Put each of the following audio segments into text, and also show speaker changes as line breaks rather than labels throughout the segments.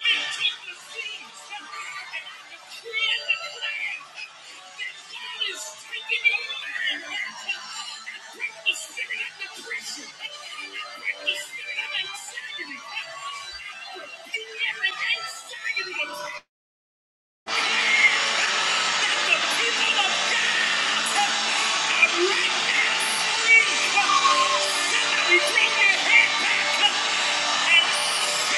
Somebody bring your head back up and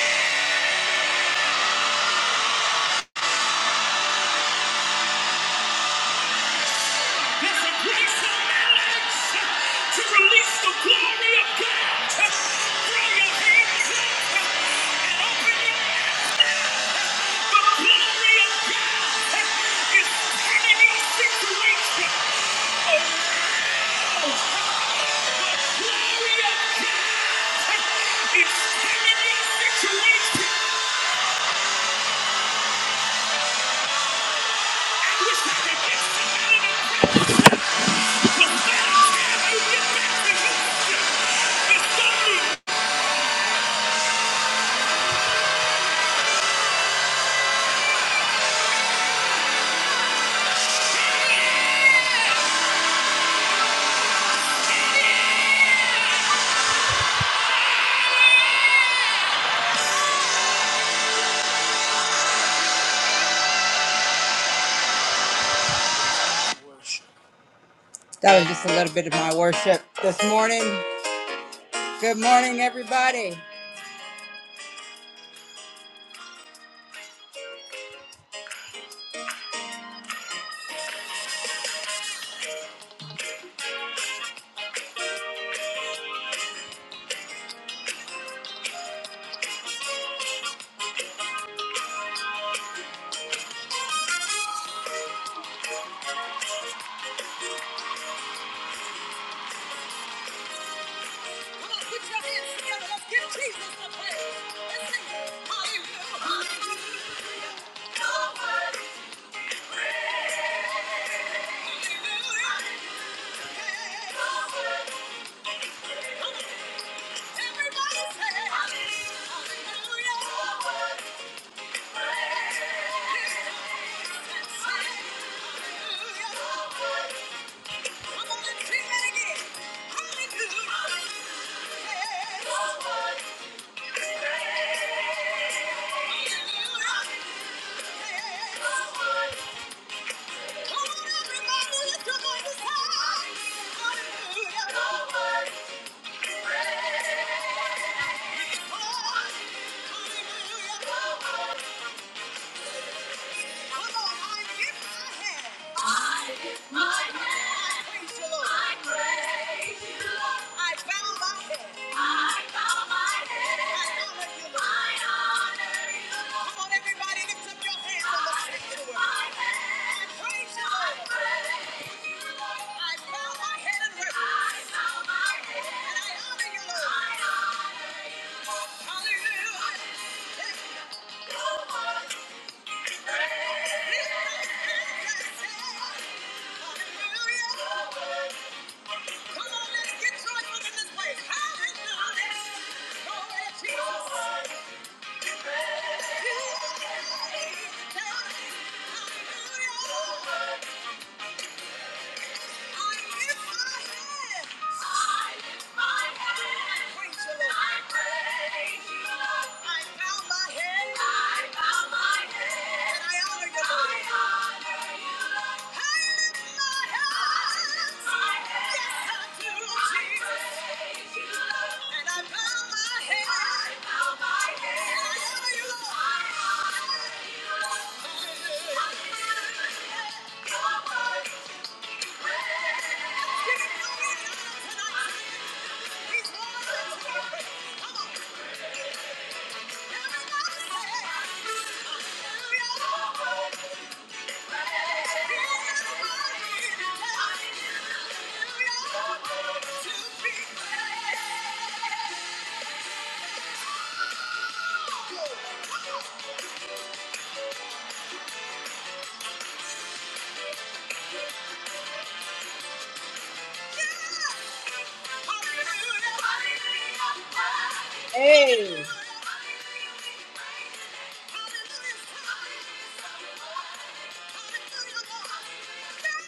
It's a place of madness to release the glory of God. Throw your hands up and open your mouth. The glory of God is turning your situation. The glory of God is turning your situation. I wish I could get somebody to pray. But by the time you get back to Houston, the sun will be down. That was just a little bit of my worship this morning. Good morning, everybody. Hallelujah. I lift my hand. Praise the Lord. I praise you, Lord. I bow my head. I bow my head. I honor you, Come on, everybody, lift up your hands I lift my hand. I praise you, Lord. I praise you, Lord. I bow my head and worship. I bow my head. And I honor you, Lord. Hallelujah. Hallelujah! Hallelujah. Hey.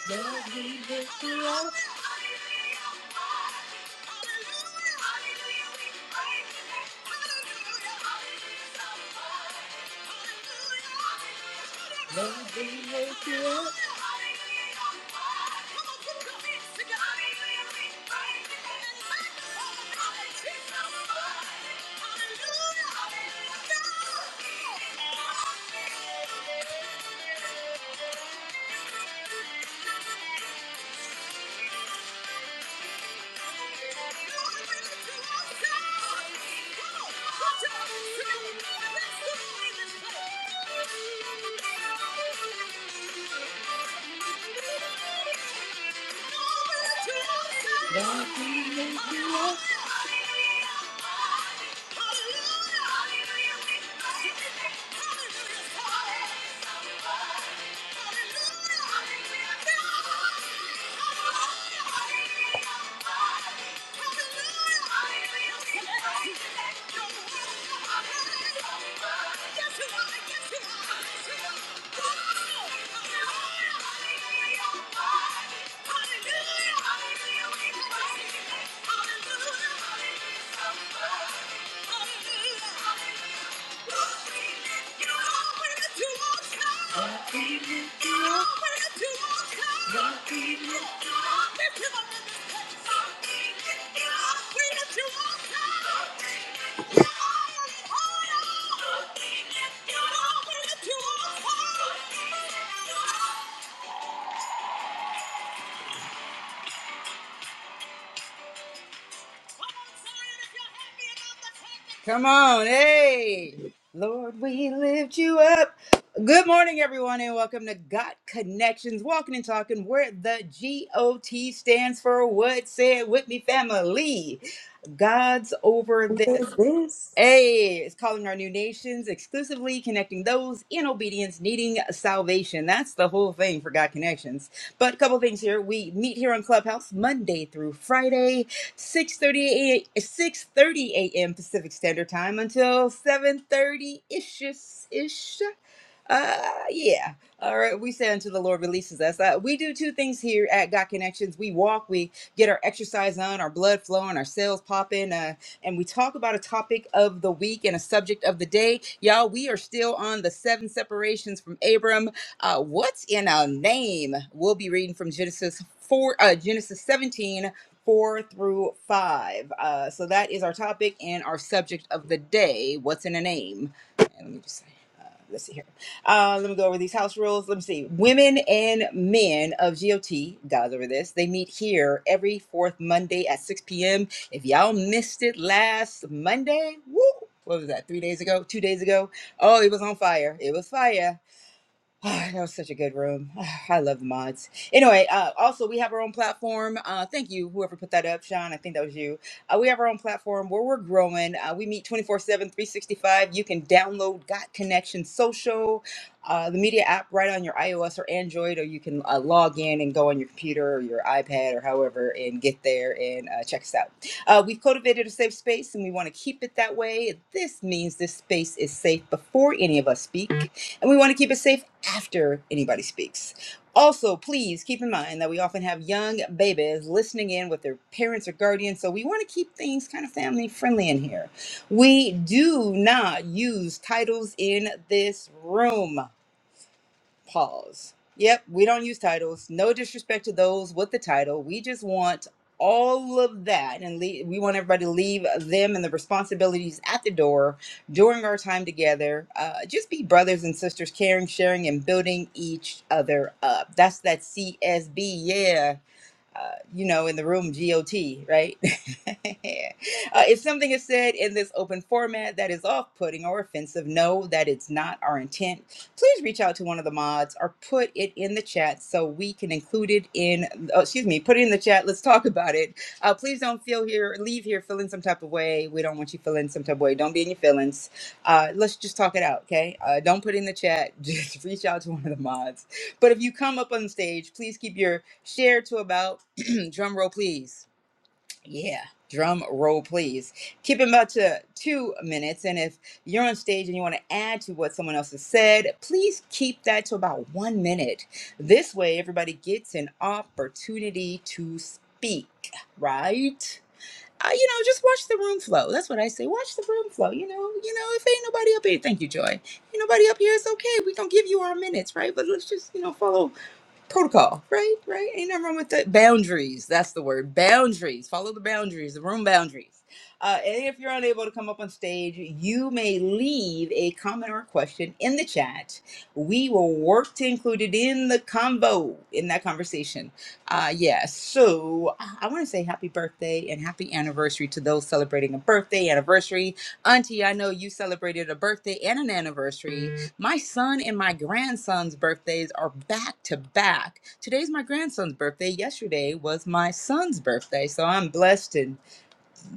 Lord, we lift you up. Lord, we lift you up. Thank you. Hallelujah! Hallelujah! Hallelujah! Hallelujah! Hallelujah! Hallelujah! Hallelujah! Hallelujah! Hallelujah. Oh, Come on, hey! Lord, we lift you up. Good morning, everyone, and welcome to Got Connections, Walking and Talking, where the G O T stands for What Said With Me Family. God's over this.
With this.
Hey, it's calling our new nations exclusively, connecting those in obedience needing salvation. That's the whole thing for God Connections. But a couple things here. We meet here on Clubhouse Monday through Friday, 6.30 a.m. 6.30 a.m. Pacific Standard Time until 7.30-ish. ish. ish. Uh, yeah. All right. We say until the Lord releases us. Uh, we do two things here at God Connections. We walk, we get our exercise on, our blood flowing, our cells popping. Uh, and we talk about a topic of the week and a subject of the day. Y'all, we are still on the seven separations from Abram. Uh, what's in a name? We'll be reading from Genesis four, uh, Genesis seventeen, four through five. Uh, so that is our topic and our subject of the day. What's in a name? And let me just uh, let's see here. Uh, let me go over these house rules. Let me see. Women and men of GOT, God's over this. They meet here every fourth Monday at 6 p.m. If y'all missed it last Monday, woo, what was that? Three days ago, two days ago. Oh, it was on fire. It was fire. Ah, that was such a good room. Ah, I love the mods. Anyway, uh, also we have our own platform. Uh, thank you, whoever put that up, Sean. I think that was you. Uh, we have our own platform where we're growing. Uh, we meet 24 7, 365. You can download Got Connection Social, uh, the media app right on your iOS or Android, or you can uh, log in and go on your computer or your iPad or however and get there and uh, check us out. Uh, we've cultivated a safe space and we want to keep it that way. This means this space is safe before any of us speak and we want to keep it safe after anybody speaks. Also, please keep in mind that we often have young babies listening in with their parents or guardians, so we want to keep things kind of family friendly in here. We do not use titles in this room. Pause. Yep, we don't use titles. No disrespect to those with the title. We just want all of that and leave, we want everybody to leave them and the responsibilities at the door during our time together uh, just be brothers and sisters caring sharing and building each other up that's that csb yeah uh, you know, in the room, GOT, right? uh, if something is said in this open format that is off putting or offensive, know that it's not our intent. Please reach out to one of the mods or put it in the chat so we can include it in, oh, excuse me, put it in the chat. Let's talk about it. Uh, please don't feel here, leave here feeling some type of way. We don't want you feeling some type of way. Don't be in your feelings. Uh, let's just talk it out, okay? Uh, don't put it in the chat. Just reach out to one of the mods. But if you come up on stage, please keep your share to about Drum roll, please. Yeah, drum roll, please. Keep it about to two minutes. And if you're on stage and you want to add to what someone else has said, please keep that to about one minute. This way, everybody gets an opportunity to speak, right? Uh, you know, just watch the room flow. That's what I say. Watch the room flow. You know, you know, if ain't nobody up here, thank you, Joy. Ain't nobody up here, it's okay. we going to give you our minutes, right? But let's just, you know, follow protocol, right? Right? Ain't nothing wrong with that. Boundaries. That's the word. Boundaries. Follow the boundaries, the room boundaries. Uh, and if you're unable to come up on stage, you may leave a comment or question in the chat. We will work to include it in the combo in that conversation. Uh, yeah, so uh, I want to say happy birthday and happy anniversary to those celebrating a birthday, anniversary. Auntie, I know you celebrated a birthday and an anniversary. My son and my grandson's birthdays are back to back. Today's my grandson's birthday. Yesterday was my son's birthday. So I'm blessed and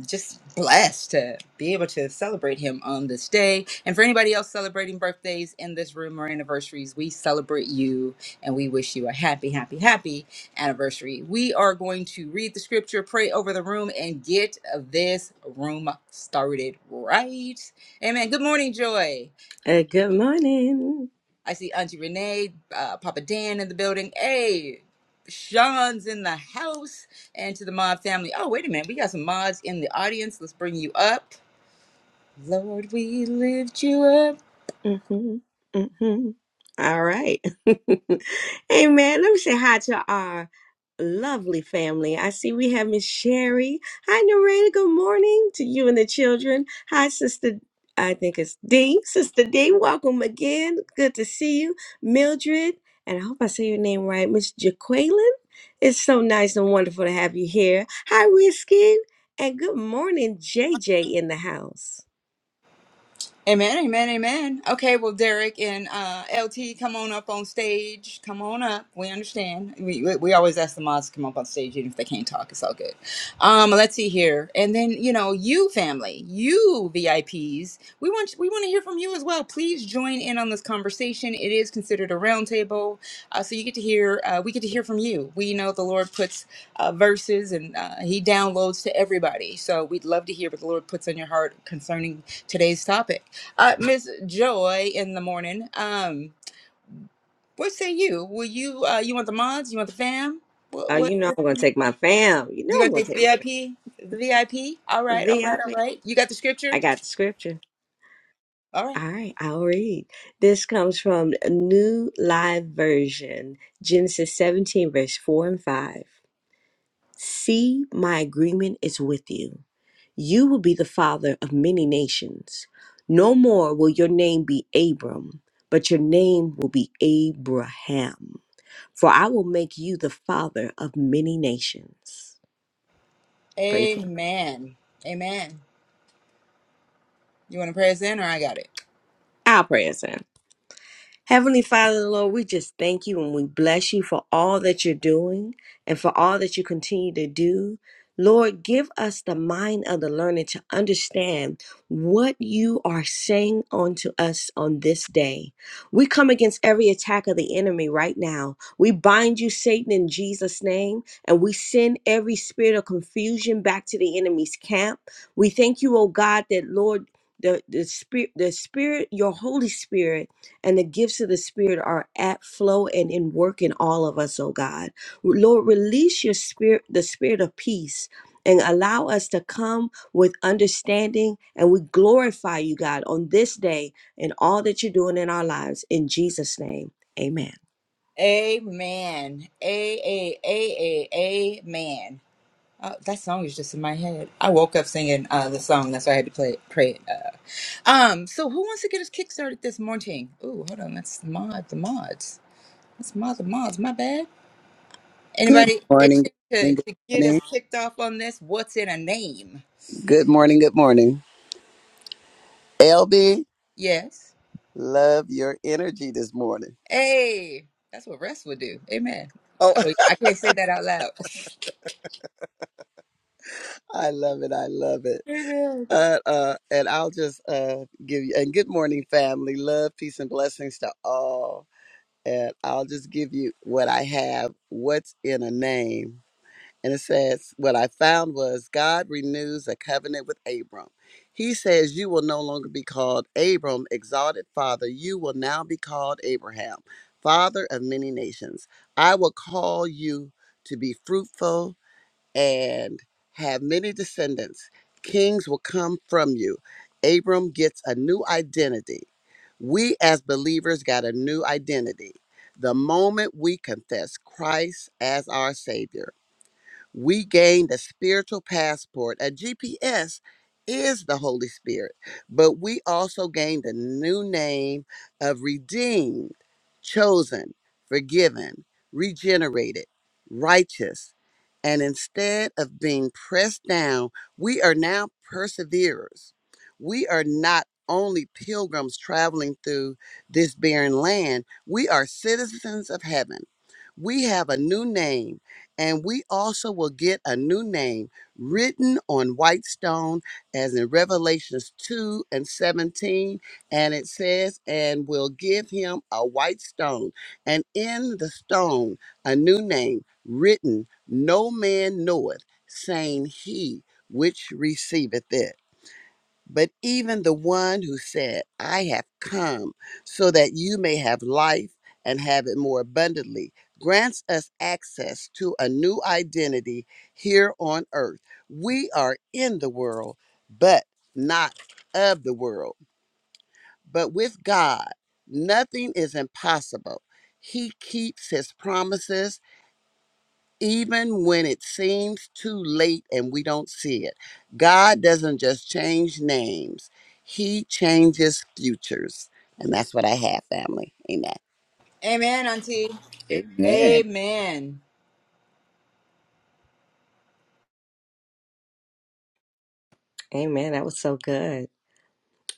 just blessed to be able to celebrate him on this day. And for anybody else celebrating birthdays in this room or anniversaries, we celebrate you and we wish you a happy, happy, happy anniversary. We are going to read the scripture, pray over the room, and get this room started right. Amen. Good morning, Joy.
Uh, good morning.
I see Auntie Renee, uh, Papa Dan in the building. Hey, Sean's in the house. And to the mod family. Oh, wait a minute. We got some mods in the audience. Let's bring you up. Lord, we lift you up.
Mm-hmm. Mm-hmm. All right. hey man, let me say hi to y'all. lovely family. I see we have Miss Sherry. Hi, Nareda. Good morning to you and the children. Hi, Sister. I think it's D. Sister D, welcome again. Good to see you. Mildred, and I hope I say your name right, Miss Jaqueline. It's so nice and wonderful to have you here. Hi, Whiskey. And good morning, JJ in the house.
Amen, amen, amen. Okay, well, Derek and uh, LT, come on up on stage. Come on up. We understand. We, we, we always ask the mods to come up on stage, even if they can't talk. It's all good. Um, let's see here, and then you know, you family, you VIPs, we want we want to hear from you as well. Please join in on this conversation. It is considered a roundtable, uh, so you get to hear. Uh, we get to hear from you. We know the Lord puts uh, verses, and uh, He downloads to everybody. So we'd love to hear what the Lord puts on your heart concerning today's topic. Uh, Miss Joy in the morning. Um, what say you? Will you uh you want the mods? You want the fam? What
Oh,
what,
you know
what
I'm going to take my fam. You know
you gonna
I'm going to
take the
take my
VIP? The VIP? All
fam. The
right, all
VIP.
right,
I P.
all right. You got the
I
scripture?
got the scripture.
All right.
All right, I'll read. This comes from New Live Version, Genesis 17, verse 4 and 5. See, my agreement is with you. You will be the father of many nations. No more will your name be Abram, but your name will be Abraham. For I will make you the father of many nations. Praise.
Amen. Amen. You wanna pray us in or I got it?
I'll pray us in. Heavenly Father, Lord, we just thank you and we bless you for all that you're doing and for all that you continue to do. Lord, give us the mind of the learner to understand what you are saying unto us on this day. We come against every attack of the enemy right now. We bind you, Satan, in Jesus' name, and we send every spirit of confusion back to the enemy's camp. We thank you, oh God, that, Lord, the, the spirit the spirit your holy spirit and the gifts of the Spirit are at flow and in work in all of us, oh God. Lord, release your spirit, the spirit of peace, and allow us to come with understanding. And we glorify you, God, on this day and all that you're doing in our lives. In Jesus' name, amen.
Amen. A A A A Amen. Uh, that song is just in my head. I woke up singing uh, the song. That's why I had to play it, pray it. Uh, um, so who wants to get us kickstarted this morning? Ooh, hold on. That's the mod. The mods. That's Mother Mars. My bad.
Good
Anybody
morning,
itching to,
good
to get us
morning,
kicked off on this? What's in a name?
good morning, good morning. Good morning. LB,
Yes.
love your energy this morning.
Hey, that's what rest would do. Amen.
Oh,
Oh, I can't say that out loud.
I love it. I love it.
Amen.
Uh, uh, and I'll just uh, give you, and good morning, family. Love, peace, and blessings to all. And I'll just give you what I have, what's in a name. And it says, What I found was God renews a covenant with Abram. He says, You will no longer be called Abram, exalted father. You will now be called Abraham, father of many nations. I will call you to be fruitful and have many descendants. Kings will come from you. Abram gets a new identity. We as believers got a new identity. The moment we confess Christ as our Savior we gained a spiritual passport. A GPS is the Holy Spirit, but we also gained a new name of redeemed, chosen, forgiven, regenerated, righteous. And instead of being pressed down, we are now perseverers. We are not only pilgrims traveling through this barren land, we are citizens of heaven. We have a new name and we also will get a new name written on white stone, as in Revelations 2 and 17. And it says, And will give him a white stone, and in the stone a new name written, No man knoweth, saying, He which receiveth it but even the one who said, I have come so that you may have life and have it more abundantly, grants us access to a new identity here on earth. We are in the world, but not of the world. But with God, nothing is impossible. He keeps his promises even when it seems too late and we don't see it. God doesn't just change names, He changes futures. And that's what I have, family. Amen.
Amen, Auntie.
Amen.
Amen.
Amen. That was so good.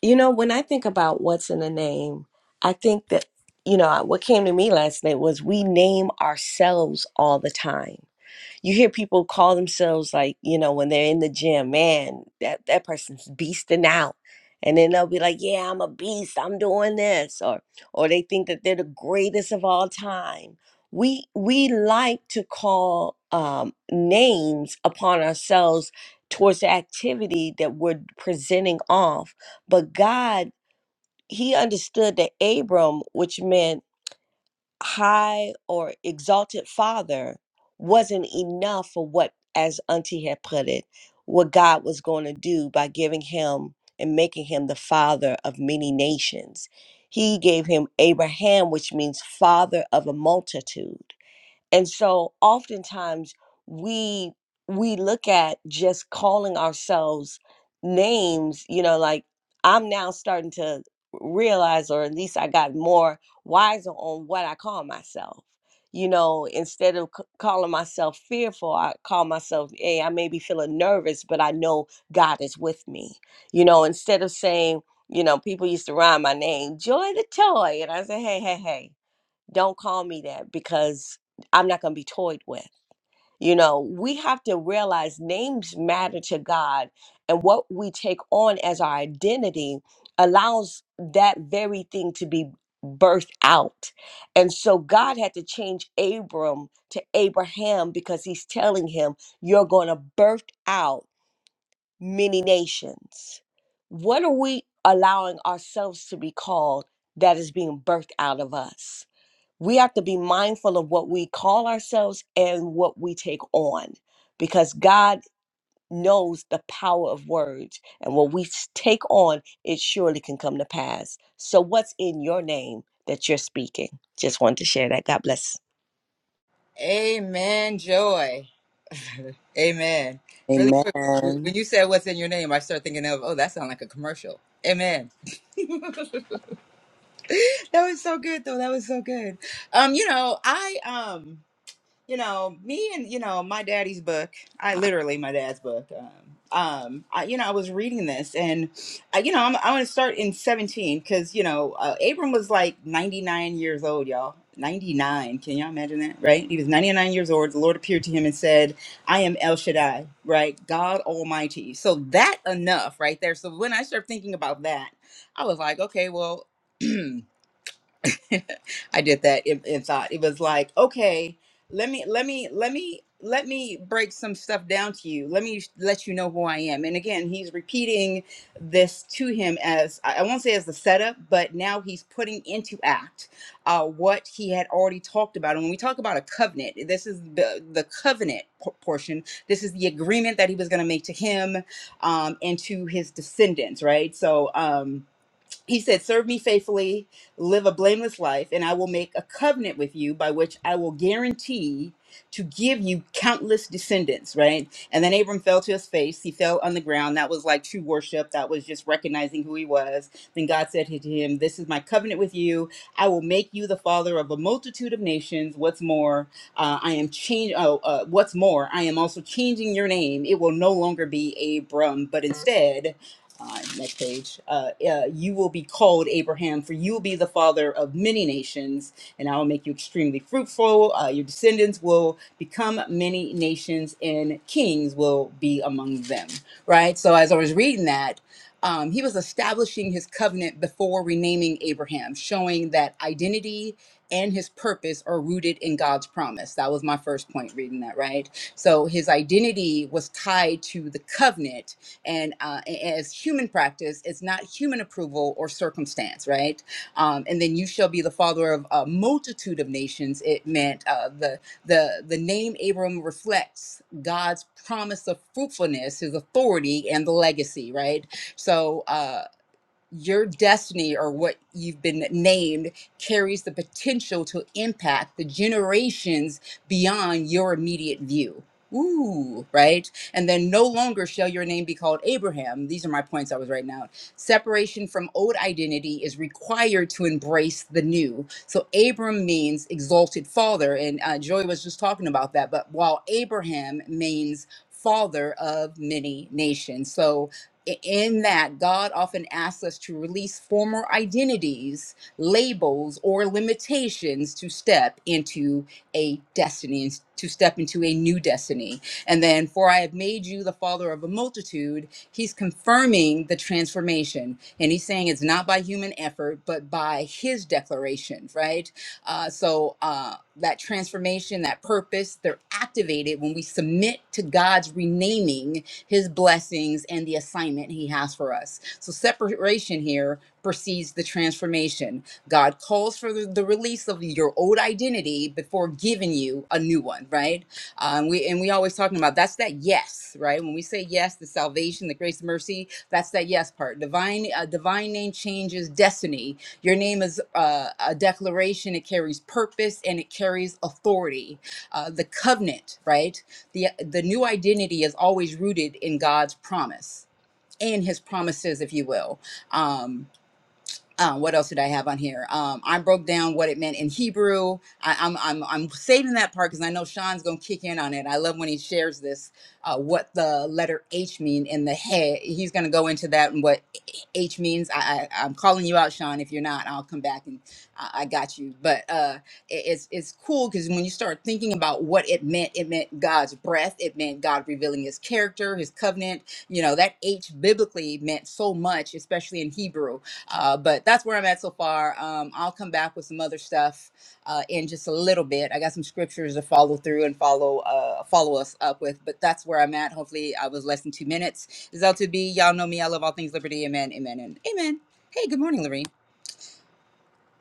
You know, when I think about what's in a name, I think that, you know, what came to me last night was we name ourselves all the time you hear people call themselves like you know when they're in the gym man that that person's beasting out and then they'll be like yeah i'm a beast i'm doing this or or they think that they're the greatest of all time we we like to call um, names upon ourselves towards the activity that we're presenting off but god he understood that abram which meant high or exalted father wasn't enough for what, as Auntie had put it, what God was going to do by giving him and making him the father of many nations. He gave him Abraham, which means father of a multitude. And so oftentimes we we look at just calling ourselves names, you know, like I'm now starting to realize or at least I got more wiser on what I call myself. You know, instead of c- calling myself fearful, I call myself, hey, I may be feeling nervous, but I know God is with me. You know, instead of saying, you know, people used to rhyme my name, Joy the Toy. And I say, hey, hey, hey don't call me that because I'm not going to be toyed with. You know, we have to realize names matter to God, and what we take on as our identity allows that very thing to be birthed out. And so God had to change Abram to Abraham because he's telling him, You're going to birth out many nations. What are we allowing ourselves to be called that is being birthed out of us? we have to be mindful of what we call ourselves and what we take on because God knows the power of words and what we s- take on it surely can come to pass so what's in your name that you're speaking just wanted to share that god bless
Amen. Joy. Amen. Really
Amen.
quick, when you said what's in your name, I started thinking of, oh, that sounds like a commercial. Amen. That was so good, though. That was so good. Um, you know, I um you know, me and you know my daddy's book. I literally my dad's book. Um, um, I, you know, I was reading this, and I, you know, I'm, I'm going to start in 17 because you know uh, Abram was like 99 years old, y'all. 99. Can y'all imagine that? Right? He was 99 years old. The Lord appeared to him and said, "I am El Shaddai, right? God Almighty." So that enough right there. So when I started thinking about that, I was like, okay, well. I did that in, in thought. It was like, okay, let me, let me, let me, let me break some stuff down to you. Let me let you know who I am. And again, he's repeating this to him as I I won't say as the setup, but now he's putting into act uh, what he had already talked about. And when we talk about a covenant, this is the the covenant por- portion. This is the agreement that he was going to make to him um, and to his descendants, right? So. um he said, Serve me faithfully, live a blameless life, and I will make a covenant with you by which I will guarantee to give you countless descendants, right? And then Abram fell to his face. He fell on the ground. That was like true worship. That was just recognizing who he was. Then God said to him, This is my covenant with you. I will make you the father of a multitude of nations. What's more, uh, I am change. oh, uh, what's more, I am also changing your name. It will no longer be Abram, but instead, uh, next page. Uh, uh, you will be called Abraham, for you will be the father of many nations, and I will make you extremely fruitful. Uh, your descendants will become many nations, and kings will be among them. Right? So, as I was reading that, um, he was establishing his covenant before renaming Abraham, showing that identity and his purpose are rooted in God's promise. That was my first point reading that, right? So his identity was tied to the covenant and uh, as human practice, it's not human approval or circumstance, right? Um, and then you shall be the father of a multitude of nations. It meant uh, the the the name Abram reflects God's promise of fruitfulness, His authority, and the legacy, right? So. Uh, your destiny or what you've been named carries the potential to impact the generations beyond your immediate view. Ooh, right? And then no longer shall your name be called Abraham. These are my points I was writing out. Separation from old identity is required to embrace the new. So Abram means exalted father. And uh, Joy was just talking about that. But while Abraham means father of many nations. So in that God often asks us to release former identities, labels, or limitations to step into a destiny, to step into a new destiny. And then, for I have made you the father of a multitude He's confirming the transformation, and he's saying it's not by human effort, but by his declaration, right? Uh, so uh, that transformation, that purpose, they're activated when we submit to God's renaming, his blessings, and the assignment he has for us. So separation here precedes the transformation. God calls for the the release of your old identity before giving you a new one, right? Um, we and we always talking about that's that yes, right? When we say yes, the salvation, the grace, mercy, that's that yes part. Divine, uh, divine name changes destiny. Your name is uh, a declaration. It carries purpose and it carries authority. Uh, the covenant, right? The the new identity is always rooted in God's promise and His promises, if you will. Um, um, what else did I have on here? Um, I broke down what it meant in Hebrew. I, I'm, I'm, I'm saving that part because I know Sean's going to kick in on it. I love when he shares this, uh, what the letter H mean in the head. He's going to go into that and what H means. I, I, I'm calling you out, Sean. If you're not, I'll come back and I, I got you. But uh, it- it's, it's cool because when you start thinking about what it meant, it meant God's breath. It meant God revealing his character, his covenant. You know, that H biblically meant so much, especially in Hebrew uh, but that's where I'm at so far. Um, I'll come back with some other stuff uh, in just a little bit. I got some scriptures to follow through and follow uh, follow us up with. But that's where I'm at. Hopefully, I was less than two minutes. This Is L2B. Y'all know me. I love all things liberty. Amen. Amen. And amen. Hey, good morning, Lorene.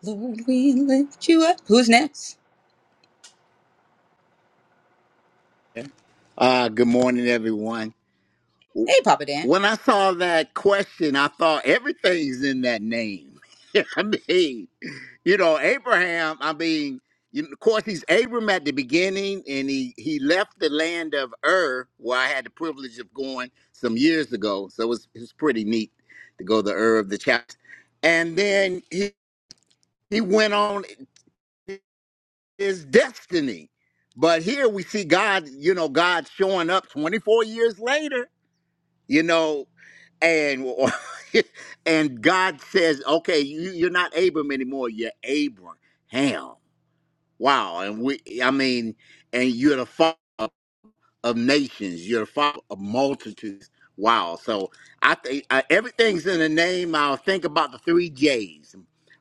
Lord, we lift you up. Who's next?
Uh, good morning, everyone.
Hey, Papa Dan.
When I saw that question, I thought everything's in that name. I mean, you know, Abraham, I mean, you, of course, he's Abram at the beginning, and he, he left the land of Ur, where I had the privilege of going some years ago. So it was, it was pretty neat to go to Ur of the chapter. And then he, he went on. his destiny. But here we see God, you know, God showing up 24 years later, you know, and and God says, "Okay, you, you're not Abram anymore. You're Abraham." Wow, and we, I mean, and you're the father of nations. You're the father of multitudes. Wow. So I think I, everything's in the name. I'll think about the three J's.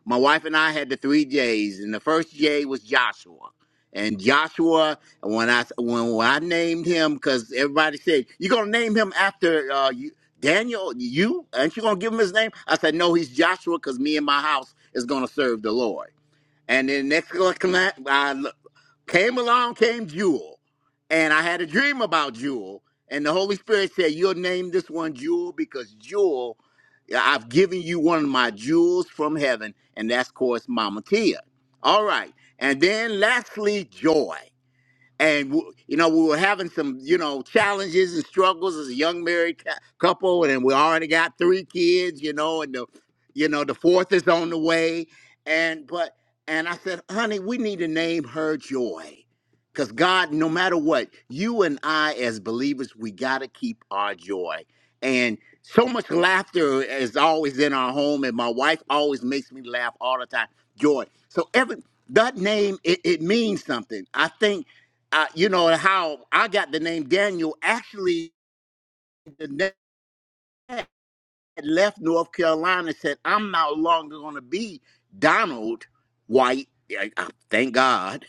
My wife and I had the three J's, and the first J was Joshua. And Joshua, when I when, when I named him, because everybody said you're gonna name him after uh, you, Daniel, you aren't you gonna give him his name? I said no, he's Joshua, because me and my house is gonna serve the Lord. And then next, I, Came along, came Jewel, and I had a dream about Jewel, and the Holy Spirit said, "You'll name this one Jewel because Jewel, yeah, I've given you one of my jewels from heaven, and that's of course Mama Tia." All right, and then lastly, joy and w- you know we were having some you know challenges and struggles as a young married cou- couple and we already got three kids you know and the you know the fourth is on the way and but and i said honey we need to name her joy because god no matter what you and i as believers we got to keep our joy and so much laughter is always in our home and my wife always makes me laugh all the time joy so every that name it, it means something i think uh, you know, and how I got the name Daniel. Actually, the dad left North Carolina and said, I'm no longer going to be Donald White. Yeah, I- I- Thank God.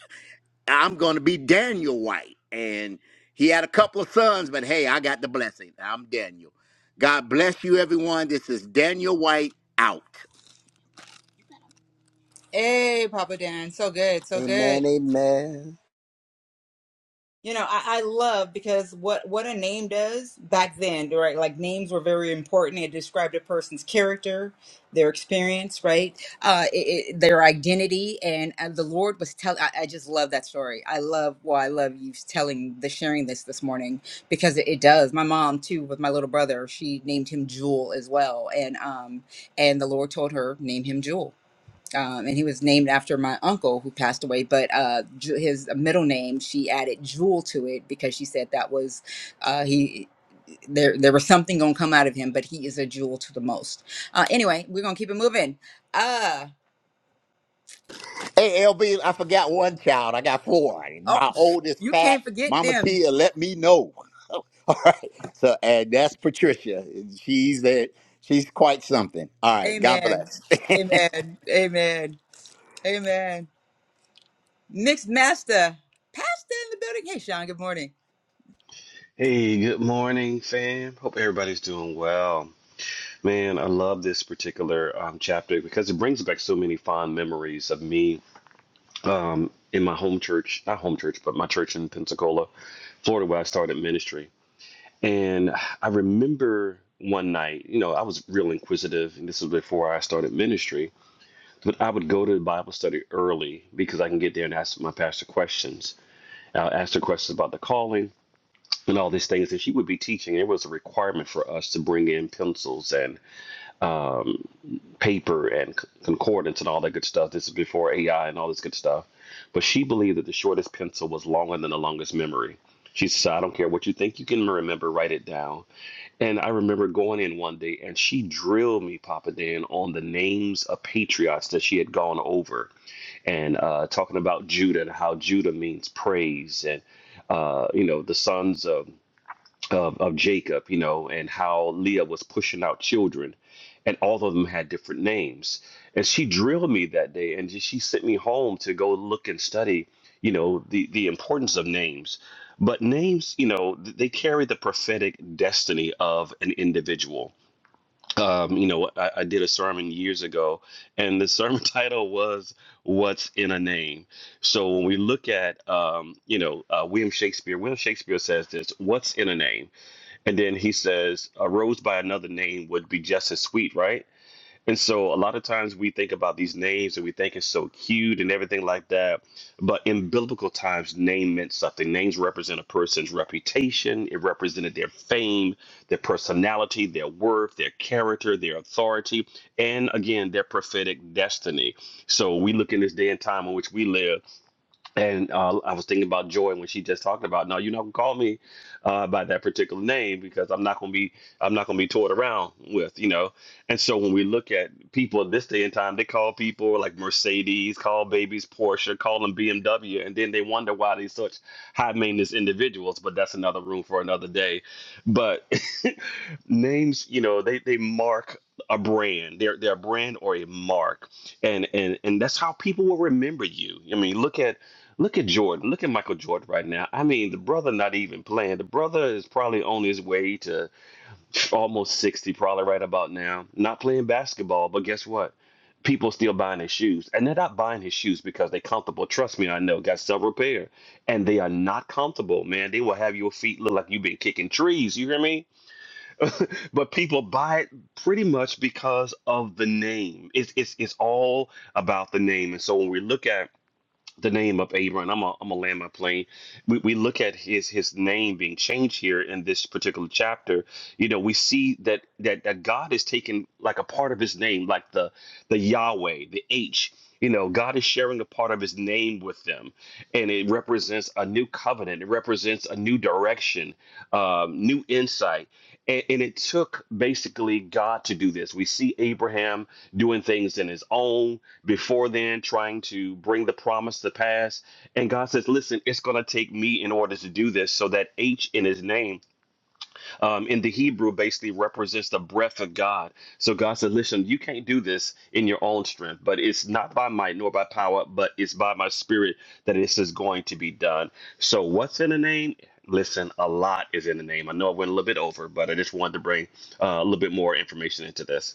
I'm going to be Daniel White. And he had a couple of sons, but hey, I got the blessing. I'm Daniel. God bless you, everyone. This is Daniel White out.
Hey, Papa Dan. So good. So good.
Amen. Amen.
You know, I, I love because what what a name does back then, right? Like names were very important. It described a person's character, their experience, right? Uh, it, it, their identity, and uh, the Lord was telling. I I just love that story. I love. Well, I love you telling the sharing this this morning because it, it does. My mom too, with my little brother, she named him Jewel as well, and um, and the Lord told her name him Jewel um, and he was named after my uncle who passed away. But uh, Ju- his middle name, she added Jewel to it because she said that was uh, he. There, there was something gonna come out of him, but he is a jewel to the most. Uh, anyway, we're gonna keep it moving. Uh
Hey, LB, I forgot one child. I got four.
oh,
My oldest,
you
fat,
can't forget
Mama
them.
Tia, let me know. All right. So, and that's Patricia. She's a, she's quite something. All right. God
Amen.
bless.
Amen. Amen. Amen. Mixed master, pastor in the building. Hey, Sean. Good morning.
Hey, good morning, fam. Hope everybody's doing well. Man, I love this particular um, chapter because it brings back so many fond memories of me um, in my home church, not home church, but my church in Pensacola, Florida, where I started ministry. And I remember one night, you know, I was real inquisitive, and this was before I started ministry, but I would go to the Bible study early because I can get there and ask my pastor questions. I'll ask her questions about the calling and all these things that she would be teaching. It was a requirement for us to bring in pencils and paper and concordance and all that good stuff. This is before AI and all this good stuff. But she believed that the shortest pencil was longer than the longest memory. She said, I don't care what you think you can remember, write it down. And I remember going in one day and she drilled me, Papa Dan, on the names of patriots that she had gone over and uh, talking about Judah and how Judah means praise and, uh, you know, the sons of of, of Jacob, you know, and how Leah was pushing out children, and all of them had different names. And she drilled me that day, and she sent me home to go look and study, you know, the the importance of names. But names, you know, th- they carry the prophetic destiny of an individual. Um, you know, I, I did a sermon years ago, and the sermon title was "What's in a Name." So when we look at, um, you know, uh, William Shakespeare, William Shakespeare says this: "What's in a name?" And then he says, a rose by another name would be just as sweet, right? And so a lot of times we think about these names and we think it's so cute and everything like that. But in biblical times, name meant something. Names represent a person's reputation, it represented their fame, their personality, their worth, their character, their authority, and again, their prophetic destiny. So we look in this day and time in which we live and uh, I was thinking about Joy when she just talked about, no, you're not gonna call me uh, by that particular name because I'm not gonna be I'm not gonna be toured around with, you know. And so when we look at people this day and time, they call people like Mercedes, call babies Porsche, call them BMW, and then they wonder why they're such high maintenance individuals. But that's another room for another day. But names, you know, they they mark a brand. They're they're a brand or a mark and and and that's how people will remember you. I mean, look at Look at Jordan. Look at Michael Jordan right now. I mean, the brother not even playing. The brother is probably on his way to almost 60, probably right about now. Not playing basketball, but guess what? People still buying his shoes. And they're not buying his shoes because they're comfortable. Trust me, I know. Got several pair. And they are not comfortable, man. They will have your feet look like you've been kicking trees. You hear me? But people buy it pretty much because of the name. It's it's it's all about the name. And so when we look at the name of Abram. I'm a, I'm a land my plane. We, we look at his his name being changed here in this particular chapter. You know, we see that that that God is taking like a part of his name, like the the Yahweh, the H. You know, God is sharing a part of his name with them, and it represents a new covenant. It represents a new direction, um, new insight. And, and it took basically God to do this. We see Abraham doing things in his own before then trying to bring the promise to pass. And God says, listen, it's going to take me in order to do this. So that H in his name um, in the Hebrew basically represents the breath of God. So God said, listen, you can't do this in your own strength, but it's not by might nor by power, but it's by my spirit that this is going to be done. So what's in a name? Listen, a lot is in the name. I know I went a little bit over, but I just wanted to bring uh, a little bit more information into this.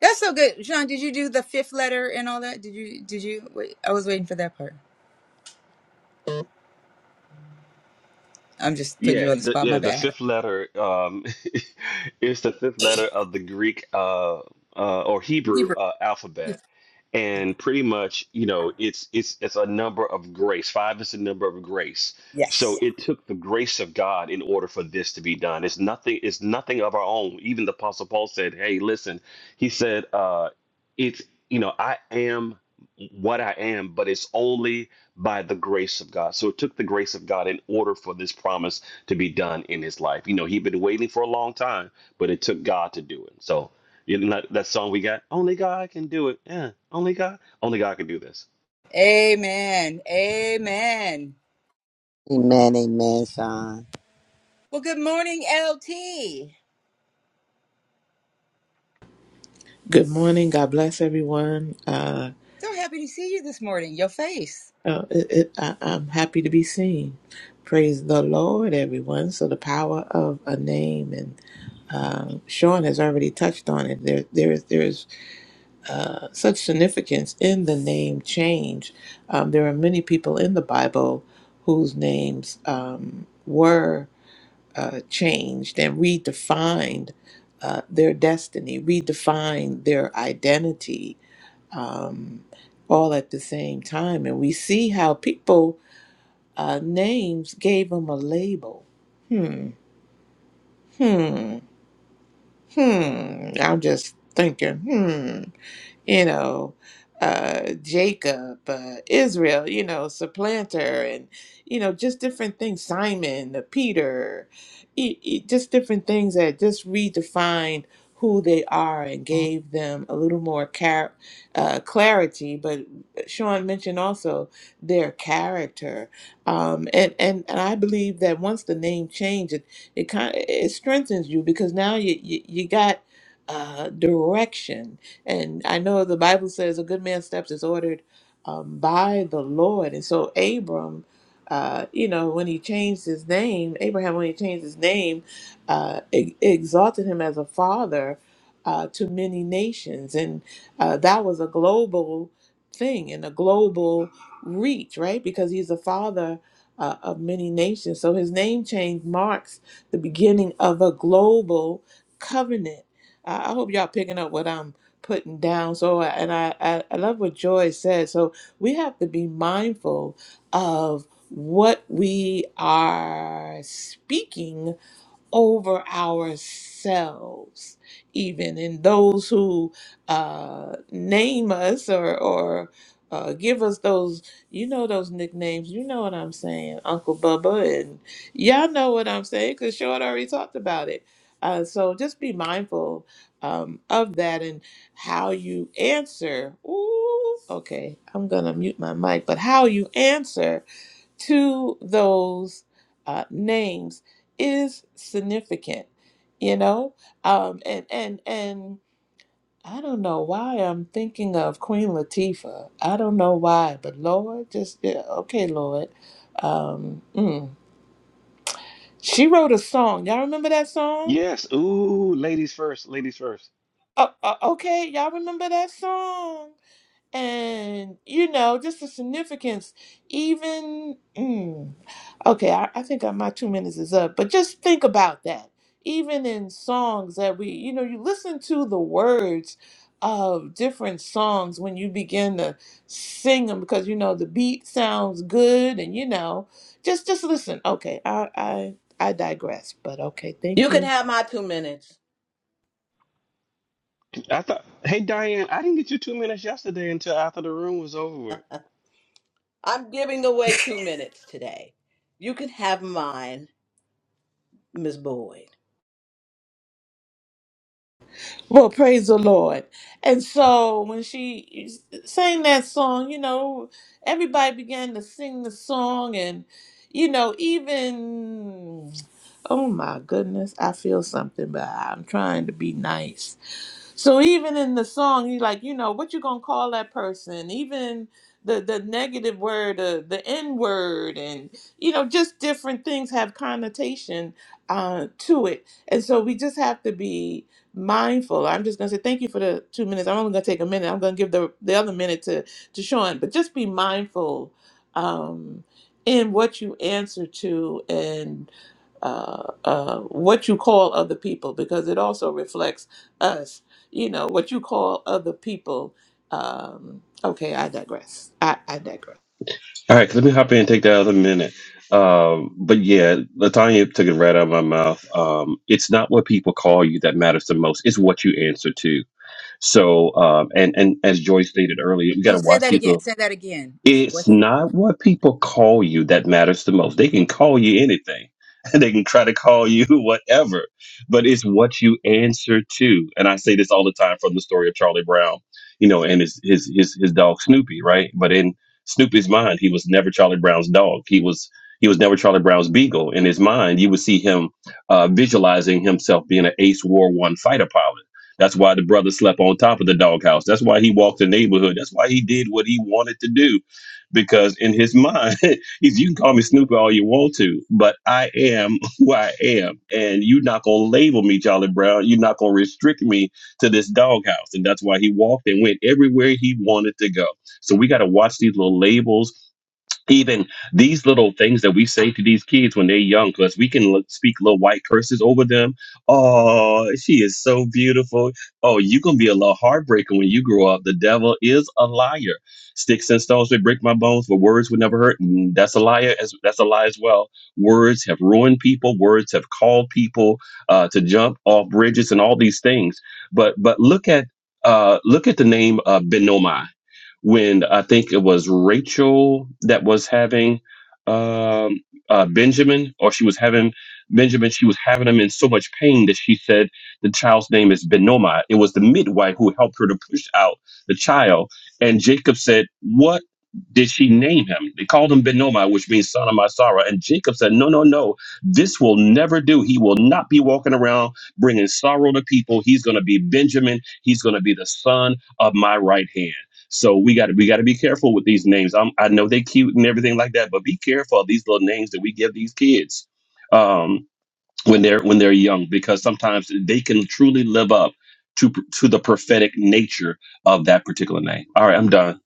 That's so good, Sean. Did you do the fifth letter and all that? Did you? Did you? Wait, I was waiting for that part. I'm just putting
Yeah,
you on the
the,
spot.
yeah,
My
the
bad.
fifth letter um, is the fifth letter of the Greek uh, uh, or Hebrew
Hebrew.
uh, alphabet, and pretty much, you know, it's it's it's a number of grace. Five is the number of grace. So
Yes.
it took the grace of God in order for this to be done. It's nothing. It's nothing of our own. Even the Apostle Paul said, "Hey, listen," he said. Uh, it's you know i am what i am but it's only by the grace of god so it took the grace of god in order for this promise to be done in his life you know he'd been waiting for a long time but it took god to do it so you know that, that song we got only god can do it yeah only god only god can do this
Amen. Amen.
Amen. Amen, Sean.
Well, good morning, LT.
Good morning. God bless everyone. Uh,
So happy to see you this morning. Your face.
uh, it, it, I, I'm happy to be seen. Praise the Lord, everyone. So the power of a name, and uh, Sean has already touched on it. There, there is there is uh, such significance in the name change. Um, there are many people in the Bible whose names um, were uh, changed and redefined uh, their destiny, redefined their identity um, all at the same time. And we see how people, uh, names gave them a label. Hmm, hmm, hmm. I'm just thinking, hmm you know, uh, Jacob, uh, Israel, you know, supplanter, and, you know, just different things, Simon, uh, Peter, e- e- just different things that just redefined who they are and gave them a little more car- uh, clarity. But Sean mentioned also their character. Um, and, and, and I believe that once the name changed, it, it kind of, it strengthens you because now you, you, you got uh, direction and I know the Bible says a good man's steps is ordered um, by the Lord. And so Abram, uh, you know, when he changed his name, Abraham, when he changed his name, uh, e- exalted him as a father uh, to many nations. And uh, that was a global thing and a global reach, right? Because he's the father uh, of many nations. So his name change marks the beginning of a global covenant. Uh, I hope y'all picking up what I'm putting down. So, and I, I, I love what Joy said. So, we have to be mindful of what we are speaking over ourselves, even in those who uh, name us or, or uh, give us those, you know, those nicknames. You know what I'm saying, Uncle Bubba, and y'all know what I'm saying because Short already talked about it. Uh, so just be mindful um, of that and how you answer. Ooh, okay, I'm gonna mute my mic, but how you answer to those uh, names is significant, you know. Um, and and and I don't know why I'm thinking of Queen Latifah. I don't know why, but Lord, just yeah, okay, Lord. Um, mm. She wrote a song. Y'all remember that song?
yes ooh ladies first ladies first
Uh, uh, okay, y'all remember that song? and you know just the significance even mm, okay I, I think my two minutes is up but just think about that even in songs that we you know you listen to the words of different songs when you begin to sing them because you know the beat sounds good and you know just just listen okay i i i digress but okay
You
thank
can
you
have my two minutes.
i thought hey diane i didn't get you two minutes yesterday until after the room was over
I'm giving away two minutes today. You can have mine, Miss Boyd.
Well, praise the Lord. And so when she sang that song, you know, everybody began to sing the song. And, you know, even, oh my goodness, I feel something, but I'm trying to be nice. So even in the song, you like, you know, what you gonna call that person? Even the the negative word, uh, the N word, and you know, just different things have connotation uh, to it, and so we just have to be mindful. I'm just gonna say thank you for the two minutes. I'm only gonna take a minute. I'm gonna give the the other minute to to Sean, but just be mindful um, in what you answer to and uh, uh, what you call other people because it also reflects us you know what you call other people um okay i digress i, I digress
All right, let me hop in and take that other minute. Um, but yeah, Latanya took it right out of my mouth. Um, it's not what people call you that matters the most; it's what you answer to. So, um, and and as Joy stated earlier, we got
Ooh,
to
say
watch
that
these
again.
little
Say that again. It's
it's
what you.
not what people call you that matters the most. They can call you anything. and They can try to call you whatever, but it's what you answer to. And I say this all the time from the story of Charlie Brown, you know, and his his his, his dog Snoopy, right? But in Snoopy's mind, he was never Charlie Brown's dog. He was he was never Charlie Brown's beagle. In his mind, you would see him uh, visualizing himself being an Ace War One fighter pilot. That's why the brother slept on top of the doghouse. That's why he walked the neighborhood. That's why he did what he wanted to do because in his mind, he's you can call me Snoopy all you want to, but I am who I am, and you're not gonna label me Charlie Brown. You're not gonna restrict me to this doghouse, and that's why he walked and went everywhere he wanted to go. So we got to watch these little labels, even these little things that we say to these kids when they're young, because we can l- speak little white curses over them. Oh. here. Sticks and stones may break my bones, but words would never hurt. Mm, That's a lie. As that's a lie as well. Words have ruined people. Words have called people uh, to jump off bri- things. But but look at uh, look at the name uh, Benomai. When I think it was Rachel that was having um, uh, Benjamin, or she was having Benjamin, she was having him in so much pain that she said the child's name is Benomai. It was the midwife who helped her to push out the child. And Jacob said, "What?" did she name him? They called him Benoma, which means son of my sorrow. And Jacob said, No, no, no, this will never do. He will not be walking around bringing sorrow to people. He's going to be Benjamin. He's going to be the son of my right hand. So we got to we got to be careful with these names. i am I know they cute and everything like that, but be careful of these little names that we give these kids um, when they're when they're young, because sometimes they can truly live up to to the prophetic nature of that particular name. All right, I'm done.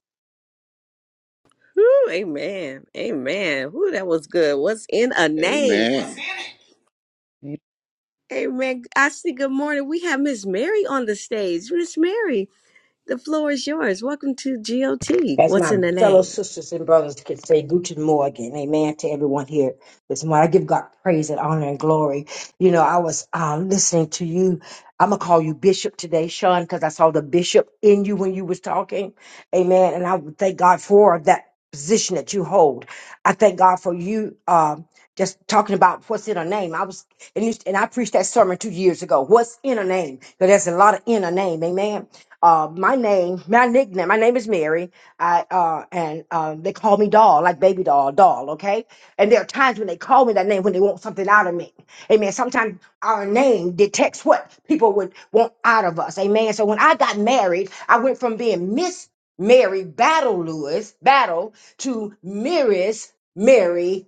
Whew, amen. Amen. Whoo, that was good. What's in a name?
Amen.
You
Amen. I see good morning. We have Miss Mary on the stage. Miss Mary, the floor is yours. Welcome to GOT.
As
What's
my
in a
fellow
name?
sisters and brothers could say, Guten Morgen, amen to everyone here this morning. I give God praise and honor and glory. You know, I was um, listening to you. I'm going to call you Bishop today, Sean, because I saw the Bishop in you when you was talking. Amen. And I would thank God for that position that you hold. I thank God for you um, just talking about what's in a name. I was, and, you, and I preached that sermon two years ago. What's in a name? Because there's a lot of in a name. Amen. Uh, my name, my nickname, my name is Mary I uh and um they call me doll, like baby doll, doll, okay? And there are times when they call me that name when they want something out of me. Amen. Sometimes our name detects what people would want out of us. Amen. So when I got married, I went from being Miss Mary Battle Lewis, Battle to Miris Mary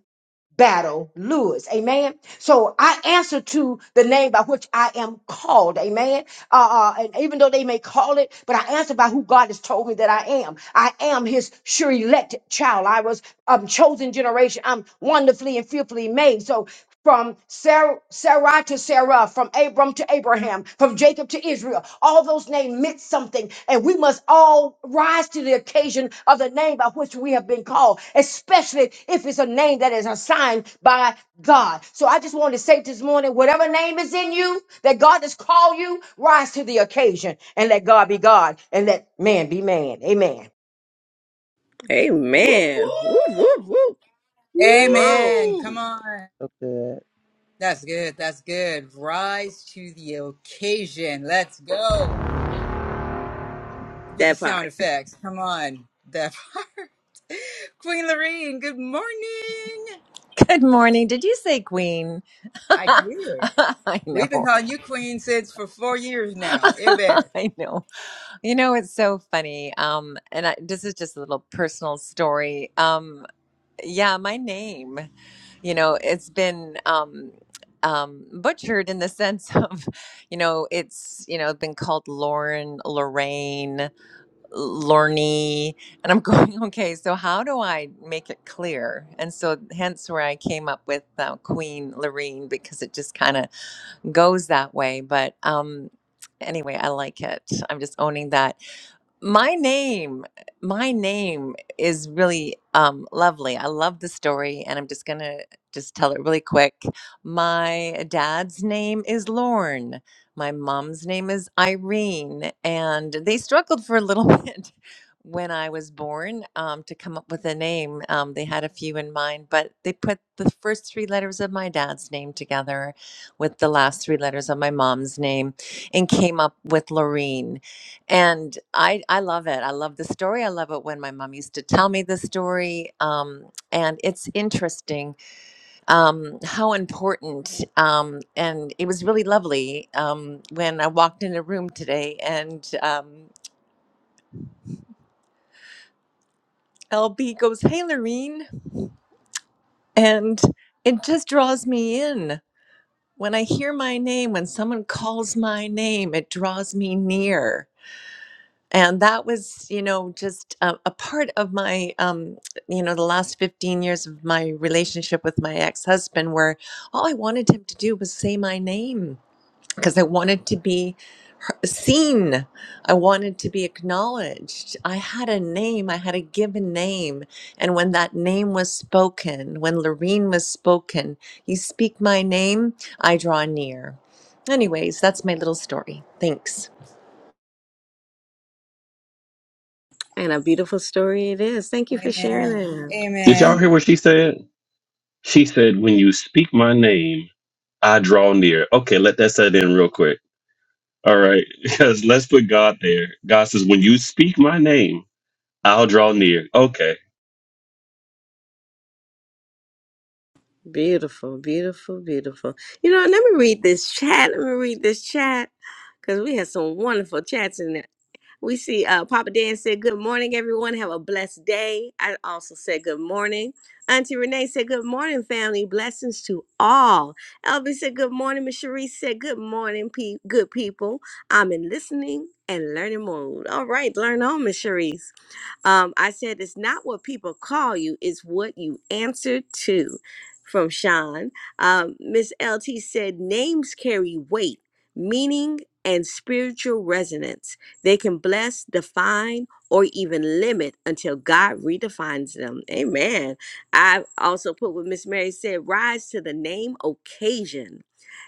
battle lures. Amen. So I answer to the name by which I am called. Amen. Uh, uh, and even though they may call it, but I answer by who God has told me that I am. I am his sure elect child. I was um, chosen generation. I'm wonderfully and fearfully made. So from Sarah, Sarah to Sarah, from Abram to Abraham, from Jacob to Israel. All those names meant something, and we must all rise to the occasion of the name by which we have been called, especially if it's a name that is assigned by God. So I just wanted to say this morning whatever name is in you that God has called you, rise to the occasion and let God be God and let man be man. Amen.
Amen. Woo, woo, woo. Come on.
Amen. Come
Woo.
on.
so good.
That's good. That's good. Rise to the occasion. Let's go with the
That
sound
part.
effects. Come on. That part. Queen Lorene, good morning.
Good morning. Did you say queen?
I did.
I
We've been
know.
calling you queen since for four years now. Amen.
I know. You know, it's so funny. Um, and I, this is just a little personal story. Um, yeah, my name, you know, it's been um, um, butchered in the sense of, you know, it's, you know, been called Lauren, Lorraine, Lorney. And I'm going, okay, so how do I make it clear? And so hence where I came up with uh, Queen Lorraine because it just kind of, goes that way. But um, anyway, I like it. I'm just owning that my name my name is really um lovely i love the story and i'm just gonna just tell it really quick my dad's name is lorne my mom's name is irene and they struggled for a little bit when i was born um, to come up with a name um, they had a few in mind but they put the first three letters of my dad's name together with the last three letters of my mom's name and came up with lorene and I, I love it. I love the story. I love it when my mom used to tell me the story. Um, and it's interesting um, how important. Um, and it was really lovely um, when I walked in a room today and um, LB goes, Hey, Lorene. And it just draws me in. When I hear my name, when someone calls my name, it draws me near and that was you know just a, a part of my um you know the last 15 years of my relationship with my ex-husband where all i wanted him to do was say my name because i wanted to be he- seen i wanted to be acknowledged i had a name i had a given name and when that name was spoken when loreen was spoken you speak my name i draw near anyways that's my little story thanks
And a beautiful story it is. Thank you for sharing
Amen.
that.
Did y'all
Amen.
hear what she said? She said, When you speak my name, I draw near. Okay, let that set in real quick. All right, because let's put God there. God says, When you speak my name, I'll draw near. Okay.
Beautiful, beautiful, beautiful. You know, let me read this chat. Let me read this chat because we had some wonderful chats in there. We see uh, Papa Dan said, Good morning, everyone. Have a blessed day. I also said, Good morning. Auntie Renee said, Good morning, family. Blessings to all. Elby said, Good morning. Miss Cherie said, Good morning, pe- good people. I'm in listening and learning mode. All right, learn on, Miss Cherie. Um, I said, it's not what people call you, it's what you answer to. From Sean. Um, Miss LT said, names carry weight, meaning, and spiritual resonance. They can bless, define, or even limit until God redefines them. Amen. I also put what Miss Mary said rise to the name occasion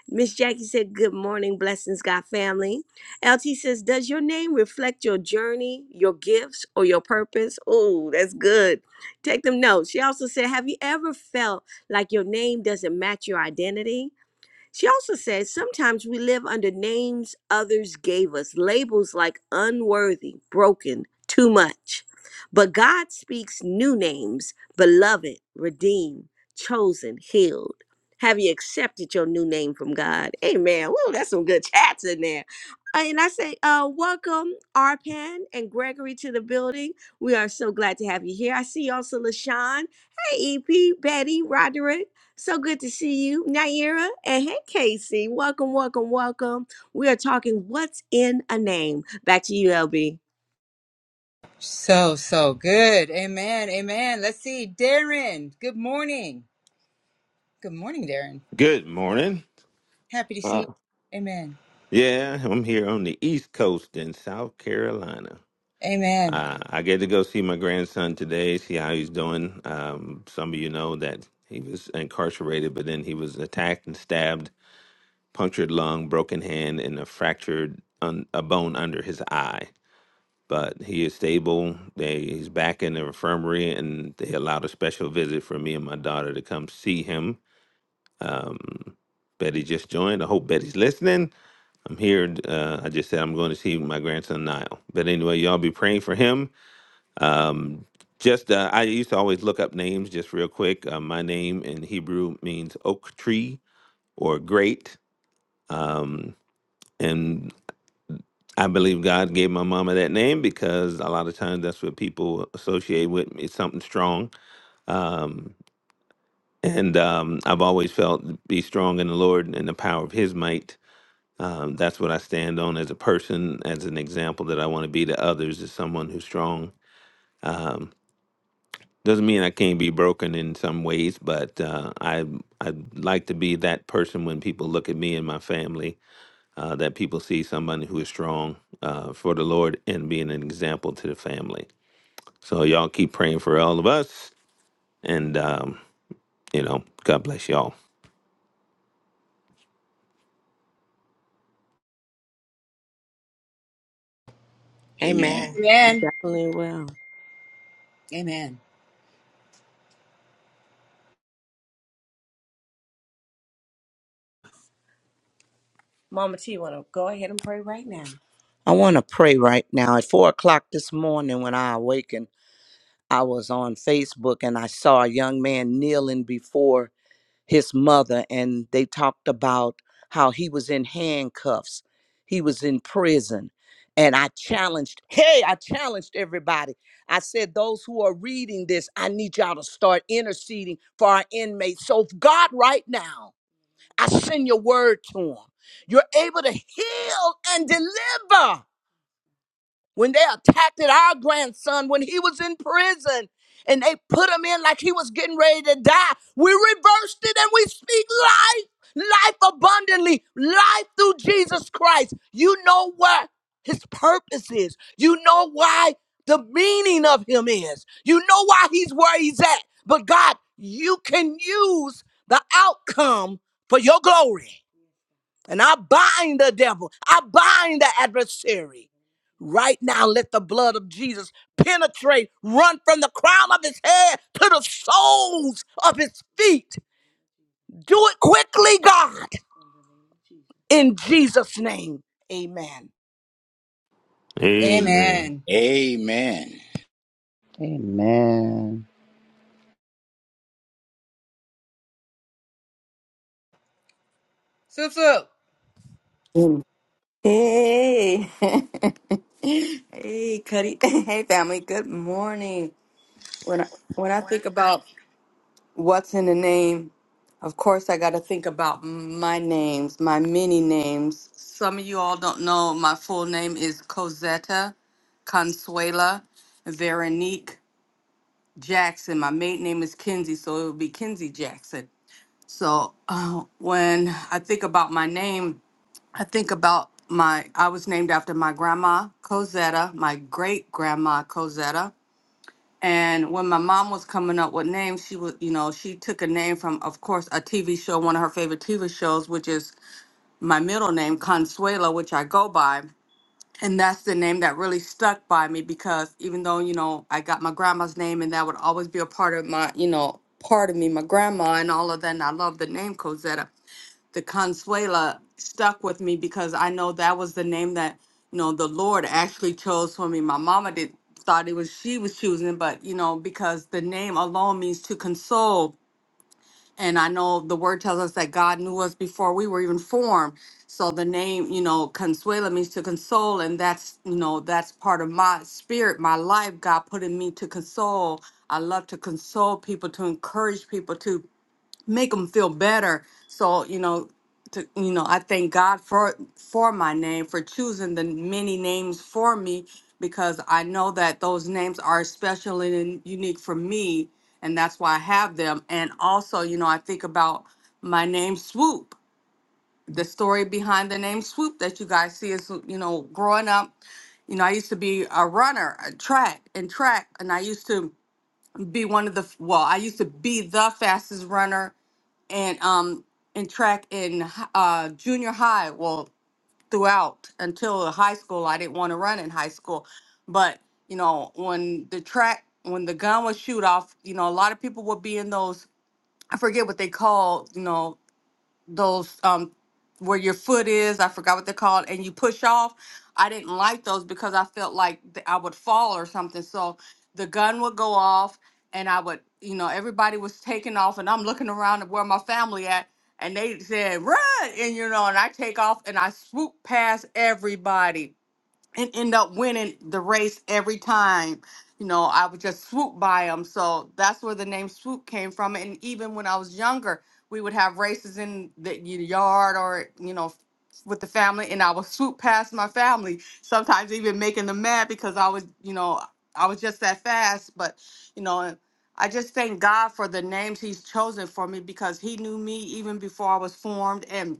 Miss Jackie said, Good morning, blessings, God family. LT says, Does your name reflect your journey, your gifts, or your purpose? Oh, that's good. Take them notes. She also said, Have you ever felt like your name doesn't match your identity? She also says sometimes we live under names others gave us, labels like unworthy, broken, too much. But God speaks new names beloved, redeemed, chosen, healed. Have you accepted your new name from God? Amen. Woo, that's some good chats in there. Uh, And I say, uh, welcome, Arpan and Gregory to the building. We are so glad to have you here. I see also LaShawn. Hey, EP, Betty, Roderick. So good to see you, Naira. And hey, Casey. Welcome, welcome, welcome. We are talking What's in a Name. Back to you, LB.
So, so good. Amen. Amen. Let's see. Darren, good morning. Good morning, Darren.
Good morning.
Happy to see
Uh,
you. Amen.
yeah, I'm here on the East Coast in South Carolina.
Amen.
Uh, I get to go see my grandson today, see how he's doing. Um, some of you know that he was incarcerated, but then he was attacked and stabbed, punctured lung, broken hand, and a fractured un- a bone under his eye. But he is stable. They, he's back in the infirmary, and they allowed a special visit for me and my daughter to come see him. Um, Betty just joined. I hope Betty's listening. I'm here. Uh, I just said I'm going to see my grandson Niall. But anyway, y'all be praying for him. Um, just uh, I used to always look up names just real quick. Uh, my name in Hebrew means oak tree or great, um, and I believe God gave my mama that name because a lot of times that's what people associate with me, It's something strong. Um, and um, I've always felt be strong in the Lord and the power of His might Um, that's what I stand on as a person, as an example that I want to be to others, is someone who's strong. Um, doesn't mean I can't be broken in some ways, but uh, I I like to be that person when people look at me and my family, uh, that people see somebody who is strong uh, for the Lord and being an example to the family. So y'all keep praying for all of us, and um, you know, God bless y'all.
Amen.
Amen.
You
Amen.
Definitely will.
Amen.
Mama T, want to go ahead and pray right now. I want to pray right now. At four o'clock this morning, when I awakened, I was on Facebook and I saw a young man kneeling before his mother and they talked about how he was in handcuffs he was in prison and i challenged hey i challenged everybody i said those who are reading this i need y'all to start interceding for our inmates so god right now i send your word to them you're able to heal and deliver when they attacked at our grandson when he was in prison and they put him in like he was getting ready to die. We reversed it and we speak life, life abundantly, life through Jesus Christ. You know what his purpose is. You know why the meaning of him is. You know why he's where he's at. But God, you can use the outcome for your glory. And I bind the devil. I bind the adversary. Right now, let the blood of Jesus penetrate, run from the crown of his head to the soles of his feet. Do it quickly, God, in Jesus' name. Amen.
Amen.
Amen.
Amen.
Amen.
Swoop, swoop.
Mm. Hey, hey, Cuddy. Hey, family. Good morning. When I, when I think about what's in the name, of course, I got to think about my names, my many names. Some of you all don't know my full name is Cosetta Consuela Veronique Jackson. My maiden name is Kinsey, so it would be Kinsey Jackson. So uh, when I think about my name, I think about my, I was named after my grandma, Cosetta, my great grandma, Cosetta. And when my mom was coming up with names, she was, you know, she took a name from, of course, a TV show, one of her favorite TV shows, which is my middle name, Consuela, which I go by. And that's the name that really stuck by me because even though, you know, I got my grandma's name and that would always be a part of my, you know, part of me, my grandma and all of that. And I love the name Cosetta the Consuela stuck with me because I know that was the name that you know the Lord actually chose for me. My mama did thought it was she was choosing, but you know because the name alone means to console, and I know the word tells us that God knew us before we were even formed. So the name, you know, Consuela means to console, and that's you know that's part of my spirit, my life. God put in me to console. I love to console people, to encourage people, to make them feel better. So you know, to you know, I thank God for for my name for choosing the many names for me because I know that those names are special and unique for me, and that's why I have them. And also, you know, I think about my name Swoop. The story behind the name Swoop that you guys see is you know, growing up. You know, I used to be a runner, a track and track, and I used to be one of the well, I used to be the fastest runner and um in track in hi- uh junior high well throughout until high school i didn't want to run in high school but you know when the track when the gun was shoot off you know a lot of people would be in those i forget what they call you know those um where your foot is i forgot what they're called and you push off i didn't like those because i felt like th- i would fall or something so the gun would go off and i would you know everybody was taking off and i'm looking around at where my family at and they said run and you know and i take off and i swoop past everybody and end up winning the race every time. You know, I would just swoop by them. So that's where the name swoop came from. And even when I was younger, we would have races in the y- yard or, you know, with the family, and I would swoop past my family, sometimes even making them mad because I was, you know, I was just that fast. But, you know, I just thank God for the names He's chosen for me because He knew me even before I was formed